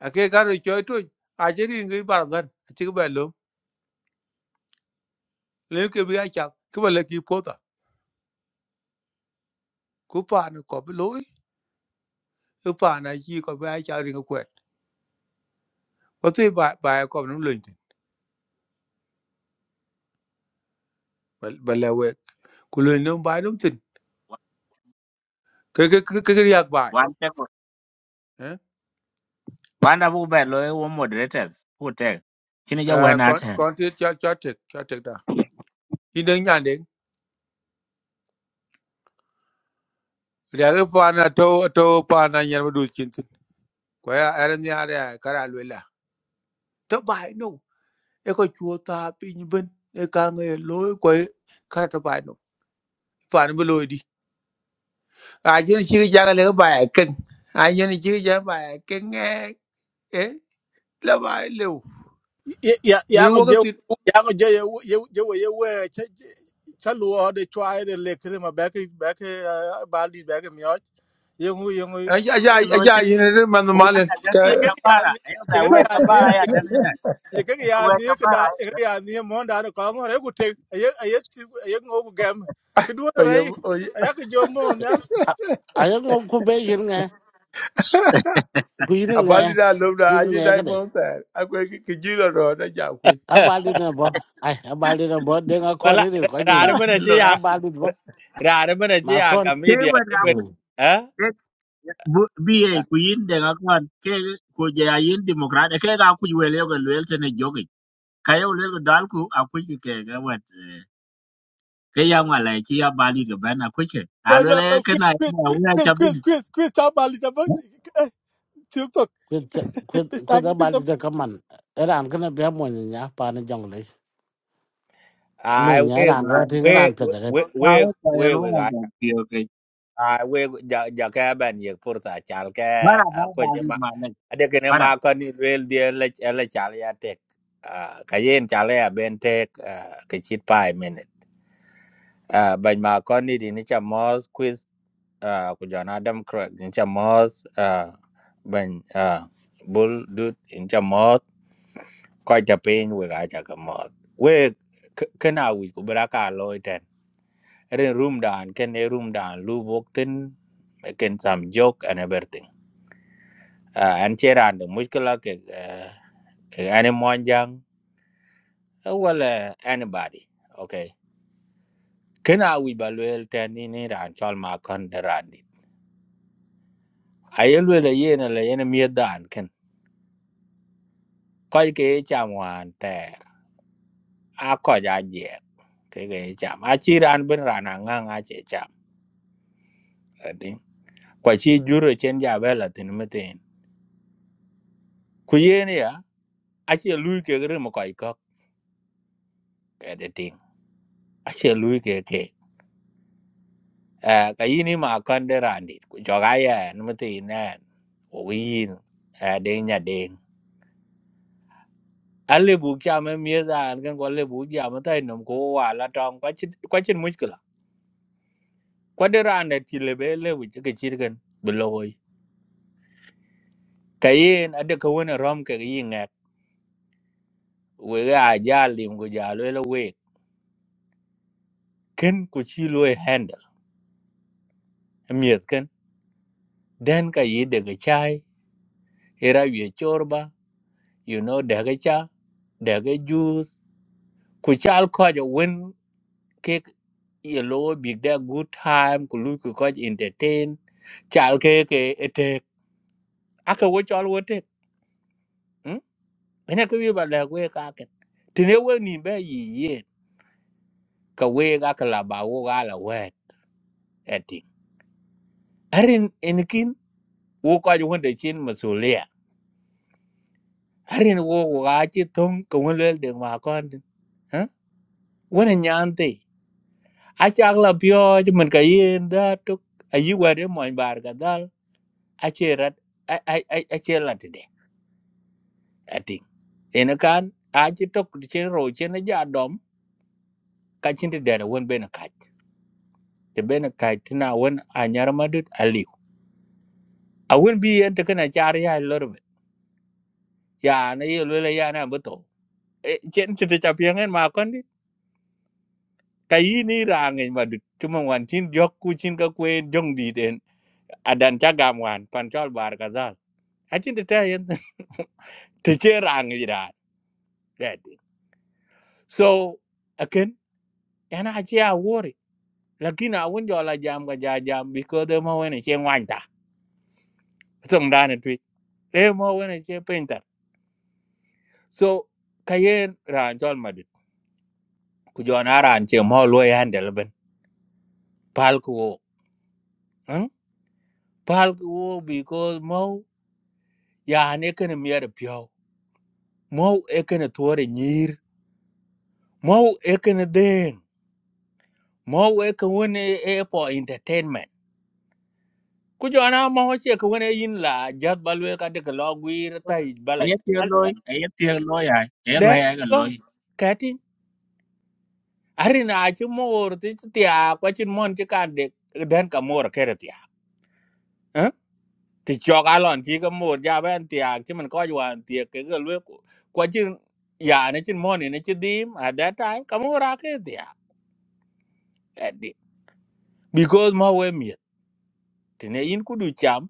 [SPEAKER 7] a ke ga ro choi tu a je ring ngai bar gan chi ke ba lo le ke bi a cha ke ba le ki po ta ku pa na ko bi lo e pa na chi ko ba cha ri ko kwet ko te ba ba ko no lun tin ba le we ku lun no ba dum tin ke ke ke ke yak ba
[SPEAKER 5] time.
[SPEAKER 7] eh
[SPEAKER 5] Banda bu bad lo wo moderators who take. Chini ja we
[SPEAKER 7] Ah,
[SPEAKER 5] na
[SPEAKER 7] kon
[SPEAKER 5] ten.
[SPEAKER 7] kon ti cha cha te cha te da i de nya de ya le pa na to to pa na nya du chin tin ko ya er nya de ka ra kara lu la to ba no e ko chu ta pi ni ben e ka nge lo ko ka to ba no pa ni bu lo di a ji ni chi ja le ba ken a ji ni chi ja ba ken nge eh la ba
[SPEAKER 8] ya ya ya ngo je
[SPEAKER 7] le
[SPEAKER 8] ya ngo je ye ye ye ye we che cha luo de chwa de le kre ma ba ke ba ke ba li ba ke myo ye ngu ye ngu
[SPEAKER 7] Aja aja
[SPEAKER 5] E lo
[SPEAKER 7] aja
[SPEAKER 5] che
[SPEAKER 7] yini re man
[SPEAKER 5] wo na
[SPEAKER 7] malen
[SPEAKER 5] ta dan
[SPEAKER 7] ka
[SPEAKER 5] ta
[SPEAKER 8] ye ga ya
[SPEAKER 5] chabara.
[SPEAKER 8] ni
[SPEAKER 5] E ba
[SPEAKER 8] ye ga
[SPEAKER 5] we
[SPEAKER 8] ya ni
[SPEAKER 5] chabara ya dan na.
[SPEAKER 8] ye ga ya
[SPEAKER 5] We
[SPEAKER 8] ni ka
[SPEAKER 5] chabara
[SPEAKER 8] da
[SPEAKER 5] ya
[SPEAKER 8] ye ga
[SPEAKER 5] dan.
[SPEAKER 8] ya ni mo da ne ko ngo re ku te ye ye ti ye ngo ku gam ku du
[SPEAKER 7] oye
[SPEAKER 8] re
[SPEAKER 7] oye
[SPEAKER 8] ya ku jo mo
[SPEAKER 1] à, ai cũng ngọc khu bây giờ nghe cứ gì
[SPEAKER 7] abali
[SPEAKER 1] nghe
[SPEAKER 7] da lobda
[SPEAKER 1] cô gì
[SPEAKER 7] aje
[SPEAKER 1] nghe
[SPEAKER 7] dai
[SPEAKER 1] cái đấy
[SPEAKER 7] monta akwe ki jilo ro da ja ku
[SPEAKER 1] à ba đi nè bố ai à ba đi nè bố đừng có con
[SPEAKER 9] wala
[SPEAKER 1] ấy đi được coi
[SPEAKER 9] rare
[SPEAKER 1] như
[SPEAKER 9] bana ci
[SPEAKER 7] jilo
[SPEAKER 1] cha
[SPEAKER 9] ya
[SPEAKER 1] ba đi bố
[SPEAKER 9] rare bana ci
[SPEAKER 1] mà
[SPEAKER 9] à
[SPEAKER 1] con
[SPEAKER 5] Te we
[SPEAKER 9] comedian
[SPEAKER 5] na
[SPEAKER 9] ibn
[SPEAKER 5] ku
[SPEAKER 1] um
[SPEAKER 9] eh
[SPEAKER 5] te bi e ku yin de ga kwan ke ku je ya yin democrat ke ga ku we le ga le te ne jogi. Ka yo le ga dal ku a ku ki ke ga wet. eh, Ke ya ma le chi ya bali ga ba na ku ke. A
[SPEAKER 8] No,
[SPEAKER 5] lo
[SPEAKER 8] no,
[SPEAKER 5] le
[SPEAKER 8] no,
[SPEAKER 5] ke
[SPEAKER 8] quiz,
[SPEAKER 5] na
[SPEAKER 8] quiz,
[SPEAKER 5] ya we
[SPEAKER 8] quiz,
[SPEAKER 5] chabi.
[SPEAKER 8] quiz, quiz, quiz, chào bà Lisa Vâng, chiếm thực,
[SPEAKER 1] quyết quyết quyết à
[SPEAKER 8] sáng
[SPEAKER 1] ba
[SPEAKER 8] quiz
[SPEAKER 1] đi
[SPEAKER 8] lắm.
[SPEAKER 1] cho cái mình làm cái này bé mồi nhá pa nó giống lấy
[SPEAKER 9] ai
[SPEAKER 1] mồi
[SPEAKER 9] we
[SPEAKER 1] nhá làm
[SPEAKER 5] Ya
[SPEAKER 1] cái thứ
[SPEAKER 9] we
[SPEAKER 1] cái
[SPEAKER 5] ya
[SPEAKER 1] làm phải đấy.
[SPEAKER 9] we
[SPEAKER 5] ko ka
[SPEAKER 9] we
[SPEAKER 5] e ka e
[SPEAKER 9] we
[SPEAKER 5] ro
[SPEAKER 9] we ga
[SPEAKER 5] ga
[SPEAKER 9] ai we ja ja ka ban ye fursa chal ka
[SPEAKER 5] Bara ba
[SPEAKER 9] ko
[SPEAKER 5] ba
[SPEAKER 9] je
[SPEAKER 5] li
[SPEAKER 9] ma
[SPEAKER 5] ma le.
[SPEAKER 9] ade ke ne
[SPEAKER 5] Bara.
[SPEAKER 9] ma ko ni wel die le le chal ya tek cái yen chal ya ben tek ke chit pai à bên mà con đi thì nó chả mos quiz à của giờ nó đâm correct nó chả mos à bên à bull dude nó chả mos coi chả pin với cái chả cái mos với cái nào với của bà cả lôi trên rồi room down cái này room down lu bốc tin making some joke and everything à anh chơi ra được mức cái là cái à, cái anh em muốn rằng well anybody okay cái nào với bà lôi trên này ra cho mà con đàn đi ayelwe la yena la yena miet dan ken koy ke cham wan te a ko ja je ke ke cham a chi ran ben ran nga nga che cham ati kwa chi juro chen ja be la tin me tin ku yen ya a che lui ke gre mo koy ko ke de ting a che lui ke ke a ka yini ma kan de ran dit ku jo ga ya n me tin na o yin a de nya ding alle bu kya me mie dan ken ko le bu ja ma tai nom ko wa la tong kwa chi kwa chin much kwa de rande ti lebe lewi ke chirgen bloy kayen ade ko wona rom ke yi ngak we ga ja lim go ja le we ken ku chi lo handle miet ken den ka yi de ga chai era ye chorba you know de ga cha de ga juice ku chal ko jo wen ke ye lo big da good time ku lu ku ko entertain chal ke ke ete aka wo chal wo te hm ene ko wi ba le we ka ken tine we ni be yi ye ka we ga ka la ba wo ga la we eti arin enkin wo ka ju wonde chin masulia arin wo wo ga chi thum ko won le de ma kon tin ha won nyan ti a chak la pyo ju man ka yin da tu a yi wa de mon bar ga dal a che rat a a a a che la ti de eti enakan a chi tok chi ro chi na ja dom ka chin de de won be na ka te be na ka tina won a nyar ma dut a liu a won bi en te kana char ya lor ya na ye lo la ya na bu to e chen chete cha piangen ma kon dit kayi ni rangen ma dit cuma wan chin yok ku chin ka kwe jong di den adan cha gam wan pan chol bar kazal a chin ta yen te che rang yi da that so again yana a che a wori lakini a won jola jam ga ja jam because de mo wen che wan ta song dan tu e mo wen che painter so kayen ran chol ma dit ku jona ran che mo lo yan del ben pal ku wo hmm? pal ku wo because mo ya ne kana miyar piyo mau e kana tuwar nyir mau e kana den mau e ka wani e po entertainment ku jona ma ho che ka wani yin la jat balwe ka de ka logwir ta i bala
[SPEAKER 5] Aye tiyo loy. Aye tiyo loy ay. Aye
[SPEAKER 9] de
[SPEAKER 5] roe ay ga
[SPEAKER 9] ko
[SPEAKER 5] loy.
[SPEAKER 9] kati arina a chi mor ti ti a kwa chin mon chi kan de den ka mor kere ti a ti chok a lon chi ka mor ja ben ti a chi man ko jwan ti ke ga lwe kwa chin ya ne chin mon ne chi dim at that time ka mor a ke ti because ma we miet tene in kudu cham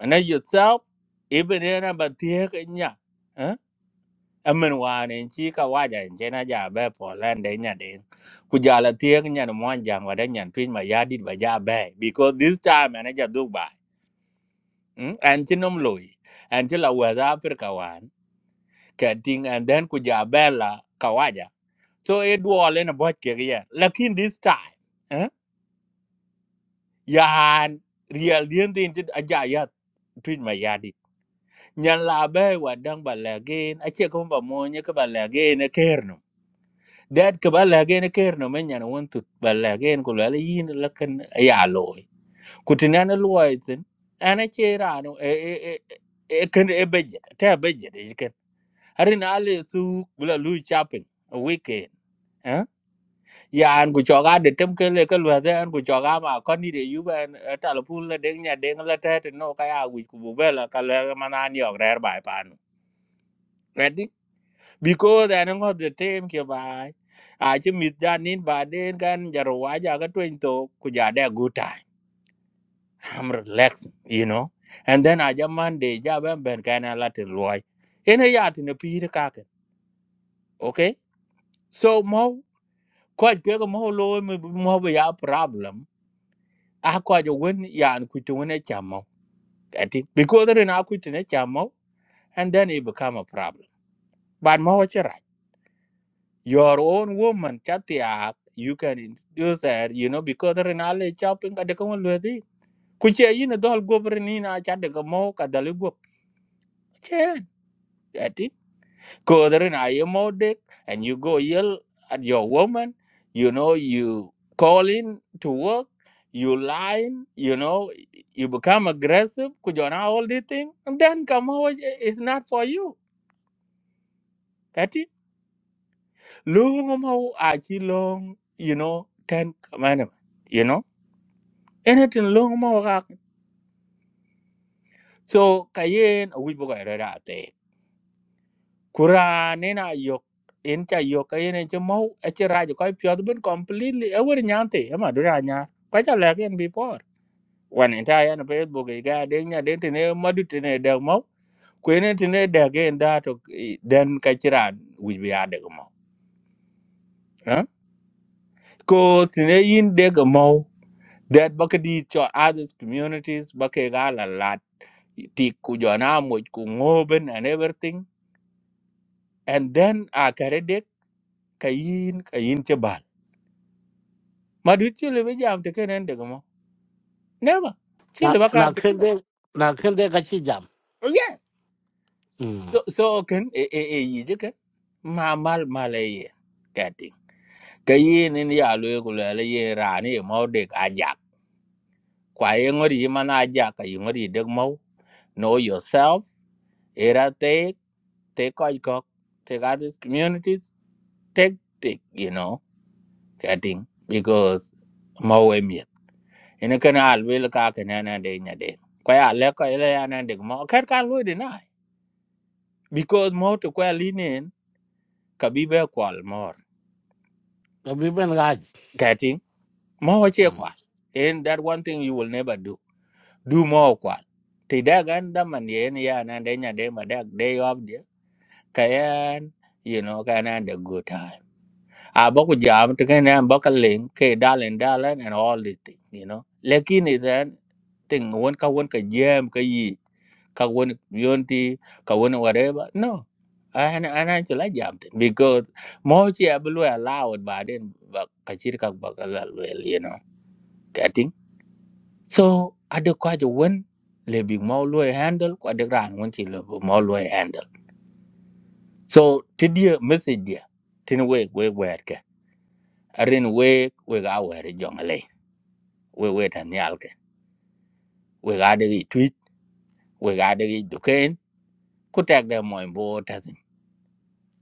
[SPEAKER 9] ana yourself even era ba tie ka nya eh amen wa ne chi ka wa ja je na ja be po lan de nya de ku ja la tie nya no mon jang wa de nya twin ma ya dit ba ja be because this time ana ja duk ba mm? and chi nom loy and chi la wa za africa wan ka ting and then ku ja be la ka wa ja so e duo le na bo ke ye lakin this time eh yan real dien tin chi aja ya twin ma ya nyan la be wa dang ba la gen a che ko ba mo nya ka ba la e ker no dad ka ba la gen e ker no men nyan won tu ba la gen ko la le yin la kan a ya lo e. ku tin an lo ai tin che ra no e e e e kan e be je ta be je de ken hari na le su bula lu shopping a weekend eh ya an ku cho ga de tem ke le ka lo da an ku cho ga ma ko ni de yu ba ta lo pu la deng nya deng la ta te no ka ya wi ku bu be la ka le ma na ni ok rer bai pa no แม่ดิ because and ngo the tem ke bai a chi mit jan nin ba den kan jaro wa ja ga twen to ku ja da good time i'm relaxed you know and then a jaman de ja ben ben kan a latin loy ene ya tin pi de ka ke okay so mo ko ke ko mo lo mi- mo be ya problem a ko jo wen yan ku tu ne chamo ati because there na ku tu ne chamo and then it become a problem but mo wa your own woman chatiak you can introduce her you know because rinale shopping ka de ko lwedi ku che yin dol gobri ni na cha de mo ka dal go che ati ko rin aye and you go yell at your woman you know you call in to work you lying you know you become aggressive ku jona all the thing and then come out it's not for you ati long mo long you know ten commandments you know anything long mo gak so kayen a wibo ga ra ra te kura ne na yok en cha yok kayen en mo a che ra jo kai pyo ben completely e wer nyan te ma do ra nya ka cha la ken before wan en ta yan facebook e ga de nya de te ne ma du te ne de mo ku ne te ne de ge da to i- den ka chi ran wi bi ya de mo ha ko te ne yin de ge mo that bakadi cho other communities bakaga la lat ti ku jona mo ku ngoben and everything and then a kare dek kayin kayin che bal ma du chi le be jam te kenen de mo never chi
[SPEAKER 1] na
[SPEAKER 9] le ba ka
[SPEAKER 1] na
[SPEAKER 9] pe
[SPEAKER 1] kende na kende ka chi jam
[SPEAKER 9] oh yes
[SPEAKER 1] mm
[SPEAKER 9] so so ken e e e yi de ken ma mal mal e ye kati kayin in ya lu ku le le ye ra ni mo de ka ja kwa ye ngori ma na ja ka yi ngori de mo know yourself era te te ko ko te ga this communities tactic, you know, getting because ene kana alwel ka ke na na de nya de ko ya le ko ile ya na de mo ker ka lu de na because mo to ko linen ka bi be kwal mor
[SPEAKER 1] ka bi ben ga
[SPEAKER 9] getting mo wa che
[SPEAKER 1] mm
[SPEAKER 9] kwal and that one thing you will never do do mo kwal te da gan da man ye ne ya na de nya de ma da day of the kayan you know kan and a good time a bo ku jam to kan an bo ka len ke dalen dalen and all the thing you know lekin is an thing won ka won ka jam ka yi ka woni yonti ka woni whatever no ana ana chila jamte because mochi abulu allowed but then but kachir ka bakala well you know getting so ade ko ajo won le big mau lo handle ko ade ran won ti le mau lo handle so ti dia message dia tin we we wer ke arin we we ga wer jongale we we tan yal ke we ga de tweet we ga de duken ku tag de mo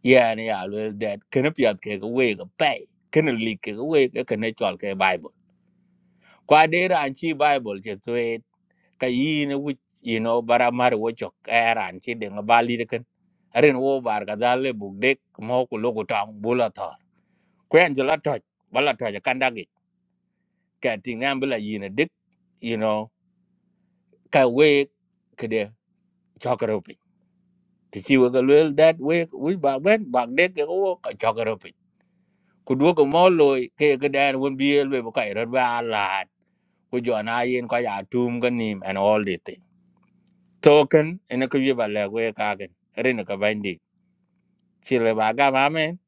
[SPEAKER 9] Yeah, and yeah, well, that can be at cake away a pay. Can a leak cake away a natural cake Bible. Qua data and chi Bible just wait. Kayin, which you know, but I'm out of what your care and chi ding a bali can. I didn't wo bar gazale book dick, mock logo tongue, bullator. Quangela touch, bullator, a candagi. Catting ambula yin a dick, you know, ka wake, kade, chocker open. To see what the that wake, we back when, back dick, a walk, a chocker ku duogo mo loy ke ke dan won biel elwe bo kai rod ba la ku jo na yin ko ya tum ga nim and all the thing token ene ku ye ba le we ka gen rin ka bandi chile ba ga ma men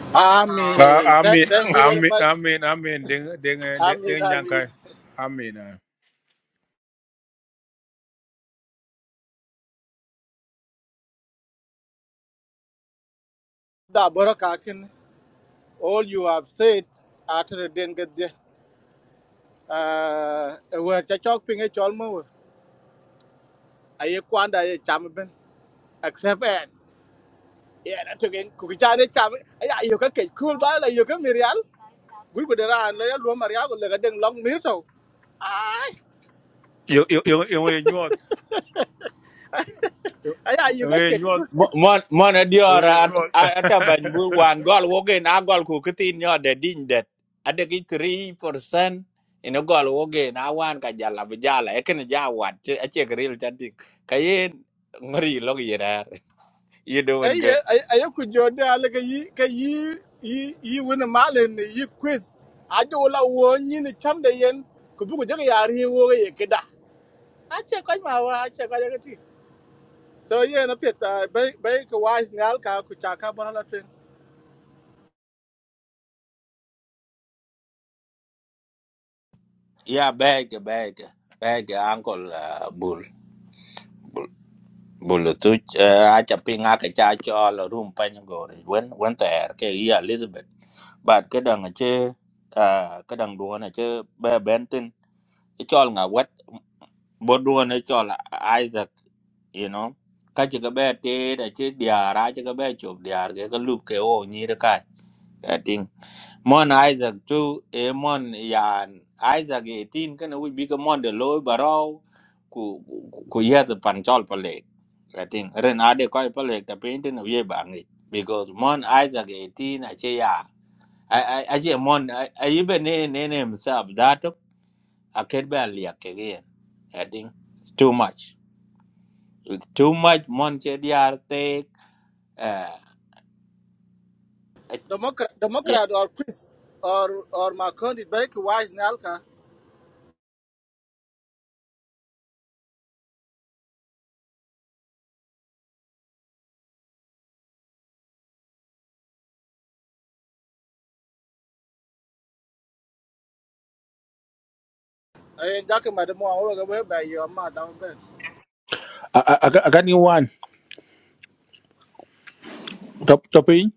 [SPEAKER 8] I mean,
[SPEAKER 7] Ah,
[SPEAKER 8] th-
[SPEAKER 7] Amin,
[SPEAKER 8] thank you very
[SPEAKER 7] amin,
[SPEAKER 8] much.
[SPEAKER 7] amin, amin. Đừng, đừng,
[SPEAKER 8] I
[SPEAKER 7] đừng,
[SPEAKER 8] mean,
[SPEAKER 7] đừng
[SPEAKER 8] I
[SPEAKER 7] nhang
[SPEAKER 8] mean,
[SPEAKER 7] cái. Amin. à.
[SPEAKER 8] da bora kakin, all you have said, after the den get there, uh, where cha chok ping e chol mo, aye kwanda aye cham ben, except en, yeah, that again, kukicha ne cham, aye ayo ka kek cool ba, ayo ka mirial, gul gudera an, ayo luo maria, gul lega deng long mirto, ay,
[SPEAKER 7] Yêu, yêu, yêu, yêu người nhuột, yêu
[SPEAKER 8] aye ayo
[SPEAKER 7] yêu
[SPEAKER 8] ka
[SPEAKER 7] người nhuột,
[SPEAKER 8] kek
[SPEAKER 9] Mon mon
[SPEAKER 7] yêu người
[SPEAKER 9] adiora
[SPEAKER 7] nhuột.
[SPEAKER 9] ata ban bu wan gol wogen a gol ku kitin nyo de din det ade ki 3% ina gol wogen a wan ka jala bu jala e ken ja wat che che gril ta dik kayen ngori log yera you doing good
[SPEAKER 8] eye eye ku jode ale ka yi ka yi yi yi wani malin ne yi quiz a ji wala wo ni ni cham da yen ku bugu jaga yari wo ga ye kida a ce kai ma wa a ce kai ga ti so ye na peta bai bai ka wise ne al ka ku cha ka bara la twen
[SPEAKER 9] Yeah, beg, beg, beg, uncle, uh, bull, bull, bull, tuch, uh, acha ping ake cha chol room pany gore. When, when there, ke Yeah, Elizabeth. But kadang ache, uh, kadang duon ache, be bentin, chol nga wet, bo duon chol Isaac, you know. Kachi ka be te, ache diar, ache ka be chop diar, ke ka lup ke o nyir kai. Mon Isaac tu? e mon yan Isaac eighteen kana we bika mon de loy barau ku ku ku yeah the panchol pale. I think ren ade koi pale ta painting of ye bangi because mon Isaac eighteen ache ya I I ache mon I even ne ne ne himself that a kid be liak again. I think it's too much. It's too much mon che diar take uh yeah
[SPEAKER 8] democrat democrat or quiz or or ma kondi bai ka wise ne al ka eh ja ka ma da mo wa ga bai bai yo ma da ben
[SPEAKER 7] akan ni wan top topin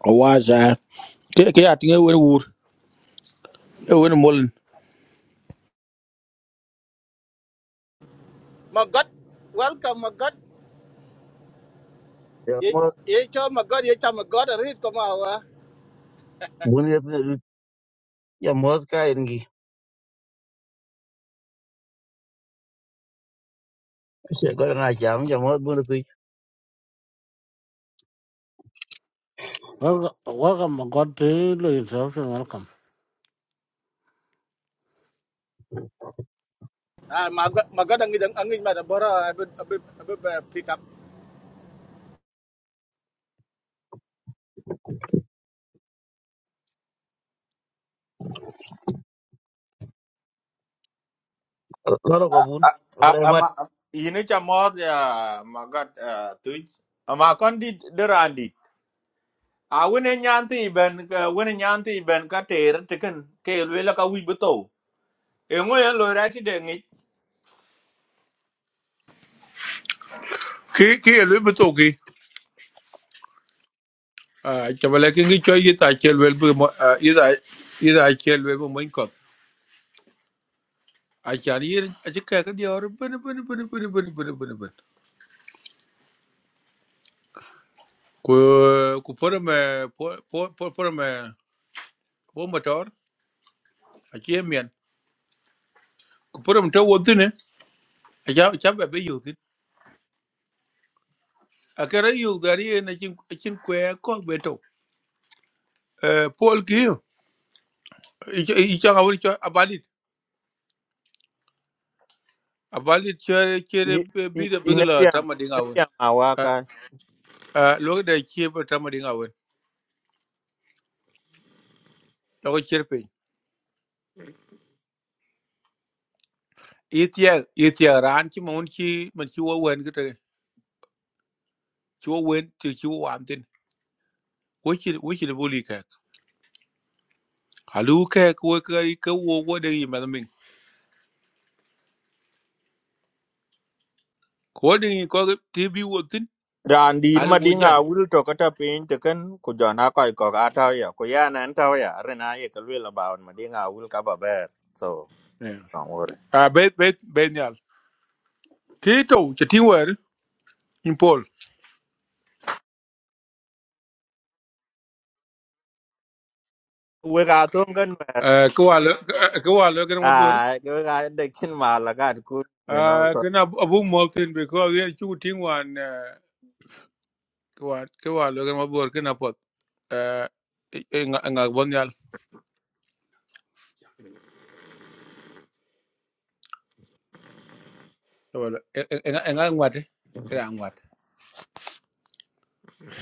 [SPEAKER 7] o waza ke ke atinge wen wur e wen molen
[SPEAKER 8] ma god welcome ma god
[SPEAKER 10] Giờ
[SPEAKER 8] ye
[SPEAKER 10] mới
[SPEAKER 8] ye cho ma god ye cha ma god read ko ma wa
[SPEAKER 10] bún đi giờ mới cái gì. Sẽ có là chạm giờ mới bún được.
[SPEAKER 1] welcome welcome god to lo instruction welcome
[SPEAKER 8] Ah, maga maga ang angin ma da bora abi abi abi
[SPEAKER 10] Nó đâu có
[SPEAKER 9] A-
[SPEAKER 10] bún.
[SPEAKER 9] ama yini cha mod ya magat tu ama kon di derandi a wene nyanti ben ka- wene nyanti ben ka ter teken ke lwela ka wi buto e ngo ya lo rati de ngi
[SPEAKER 7] Khi, khi ở lưỡi bút a chabale ke ngi choy yi ta chel wel bu mo- ah, yi da yi da chel wel bu mon ko a chan yi a ji ka ka dior bun bun bun bun bun bun bun bun ku ku por me por por por me por motor a chi mien ku por me to wo tine a ja cha ba be yu tin a ka ra yu da ri na chin chin kwe ko be to eh pol ki i cha ga wol cho abalit abalit chere chere bi de
[SPEAKER 9] ine
[SPEAKER 7] bigla ta
[SPEAKER 9] piang
[SPEAKER 7] ma dinga
[SPEAKER 9] ine
[SPEAKER 7] won
[SPEAKER 9] piang awa ka
[SPEAKER 7] a lo da chi ba ta ma dinga won lo cherpe Ethier Ethier ran ci mon ci man ci wo wen gete ci wo wen ci ci wo an tin wo ci wo ci boli ka halu ka ko ka ka wo wo de yi ma min ko de yi ko ti bi wo tin
[SPEAKER 9] randi ma
[SPEAKER 7] al wo ja
[SPEAKER 9] dinga wul to kata pin teken ku jona ko ko ata ya ku ya nan ta ya rena ye ka lwela ba ma dinga wul ka ba ber so don't worry
[SPEAKER 7] a bet bet ben yal ti to ci ti wer in pol
[SPEAKER 9] we ga to ngan mer
[SPEAKER 7] ko wal ko wal ga
[SPEAKER 9] a
[SPEAKER 7] ma bur
[SPEAKER 9] we ga de kin ma la ku you know
[SPEAKER 7] a
[SPEAKER 9] so.
[SPEAKER 7] kana abu mo tin be ko yer ci ti wan ko wal ko wal ga ma bur kana pot Eh, e, e, e, nga e, nga bon yal wala nga ngwate ra ngwate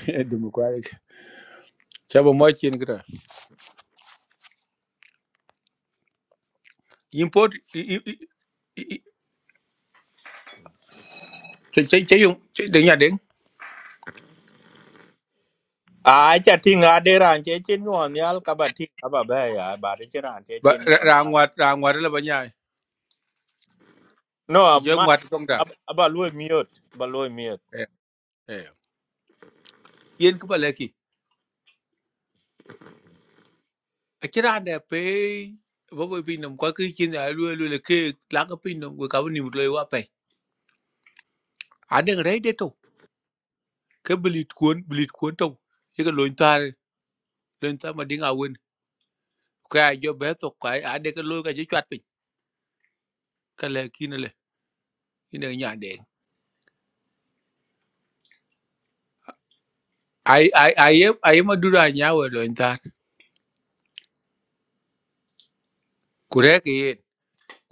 [SPEAKER 7] democratic cha bo mo chin kita import che che che yung che de nya ding
[SPEAKER 9] a cha ting a de ran che chin won yal ka ba ting aba ba ya ba de che ran che
[SPEAKER 7] ba
[SPEAKER 9] nuông
[SPEAKER 7] ra
[SPEAKER 9] won
[SPEAKER 7] ngwat ra ngwat la ba nya che
[SPEAKER 9] no
[SPEAKER 7] che
[SPEAKER 9] mà
[SPEAKER 7] ngwat tong da
[SPEAKER 9] bà aba lu bà ba lu
[SPEAKER 7] eh eh yen ka ba le ki a kira da pe bo bo pin nam kwa ki chin da lu lu le ke la ka pin nam ka ni mu le wa pe a de re de to ke blit kuon blit kuon to ye ka loin ta loin ta ma ding a wen ka jo be to ka a de ka lo ka je chat pin ka le ki ne le ina nya de ai ai ai ai ma du ra nya we loin ku rek yen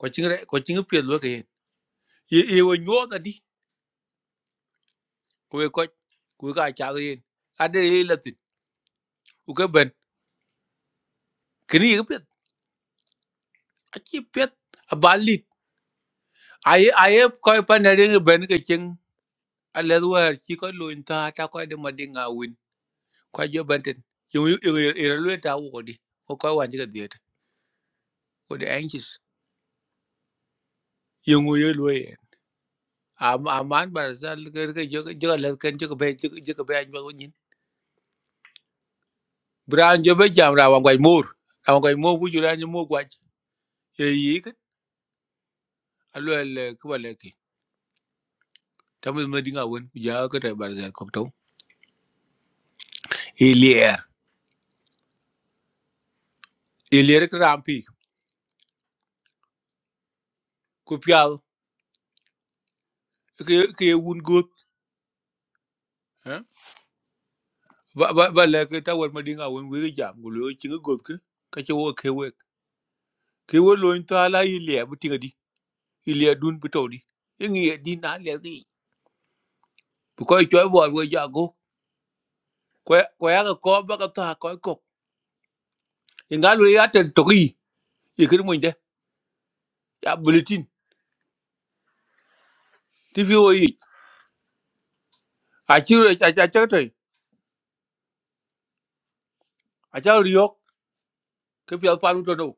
[SPEAKER 7] ko ching re ko ching pye lo ke yen ye ye wo nyo da di ko ko ku ka cha ke yen a de ye la tin u ke ben kini ye pye a chi pye a ba ai ai ye a ye ko pa na de ben ke ching a le wa chi ko lo in ta ta ko de ma de nga win ko jo ben tin yo yo ye lo ta wo ko di ko ko wa ji ka de ko de anxious yo ngo ye lo ye a a man ba sa ke ke jo jo la ken jo ke be jo ke be Bran jo be jam rawan gwaj mor. Rawan gwaj mor ku jura nyo mor gwaj. Ye yi kat. Alo el kuba leki. Tamu me dinga wen. Kuja kata barzel kokto. Ilier. Ilier ka rampi. Ku pial. Ke ye wun gut. ha Ba ba ba leki ta wen me dinga wen wege jam. Gulo chinga gut ke. Kache wo ke wek. Ke wo loin ta ala ilier bu tinga di. Ilier dun bu to di. Ingi ye di na le ki. Bu koi choi bo wo jago. Kwa kwa ya ka ko ba ka ta ko ko. Ingalu ya ten tori. Ikir mun de. Ya bulletin ti fi wo yi a chi re cha cha cha te a cha ri yok ke pi al pa lu to do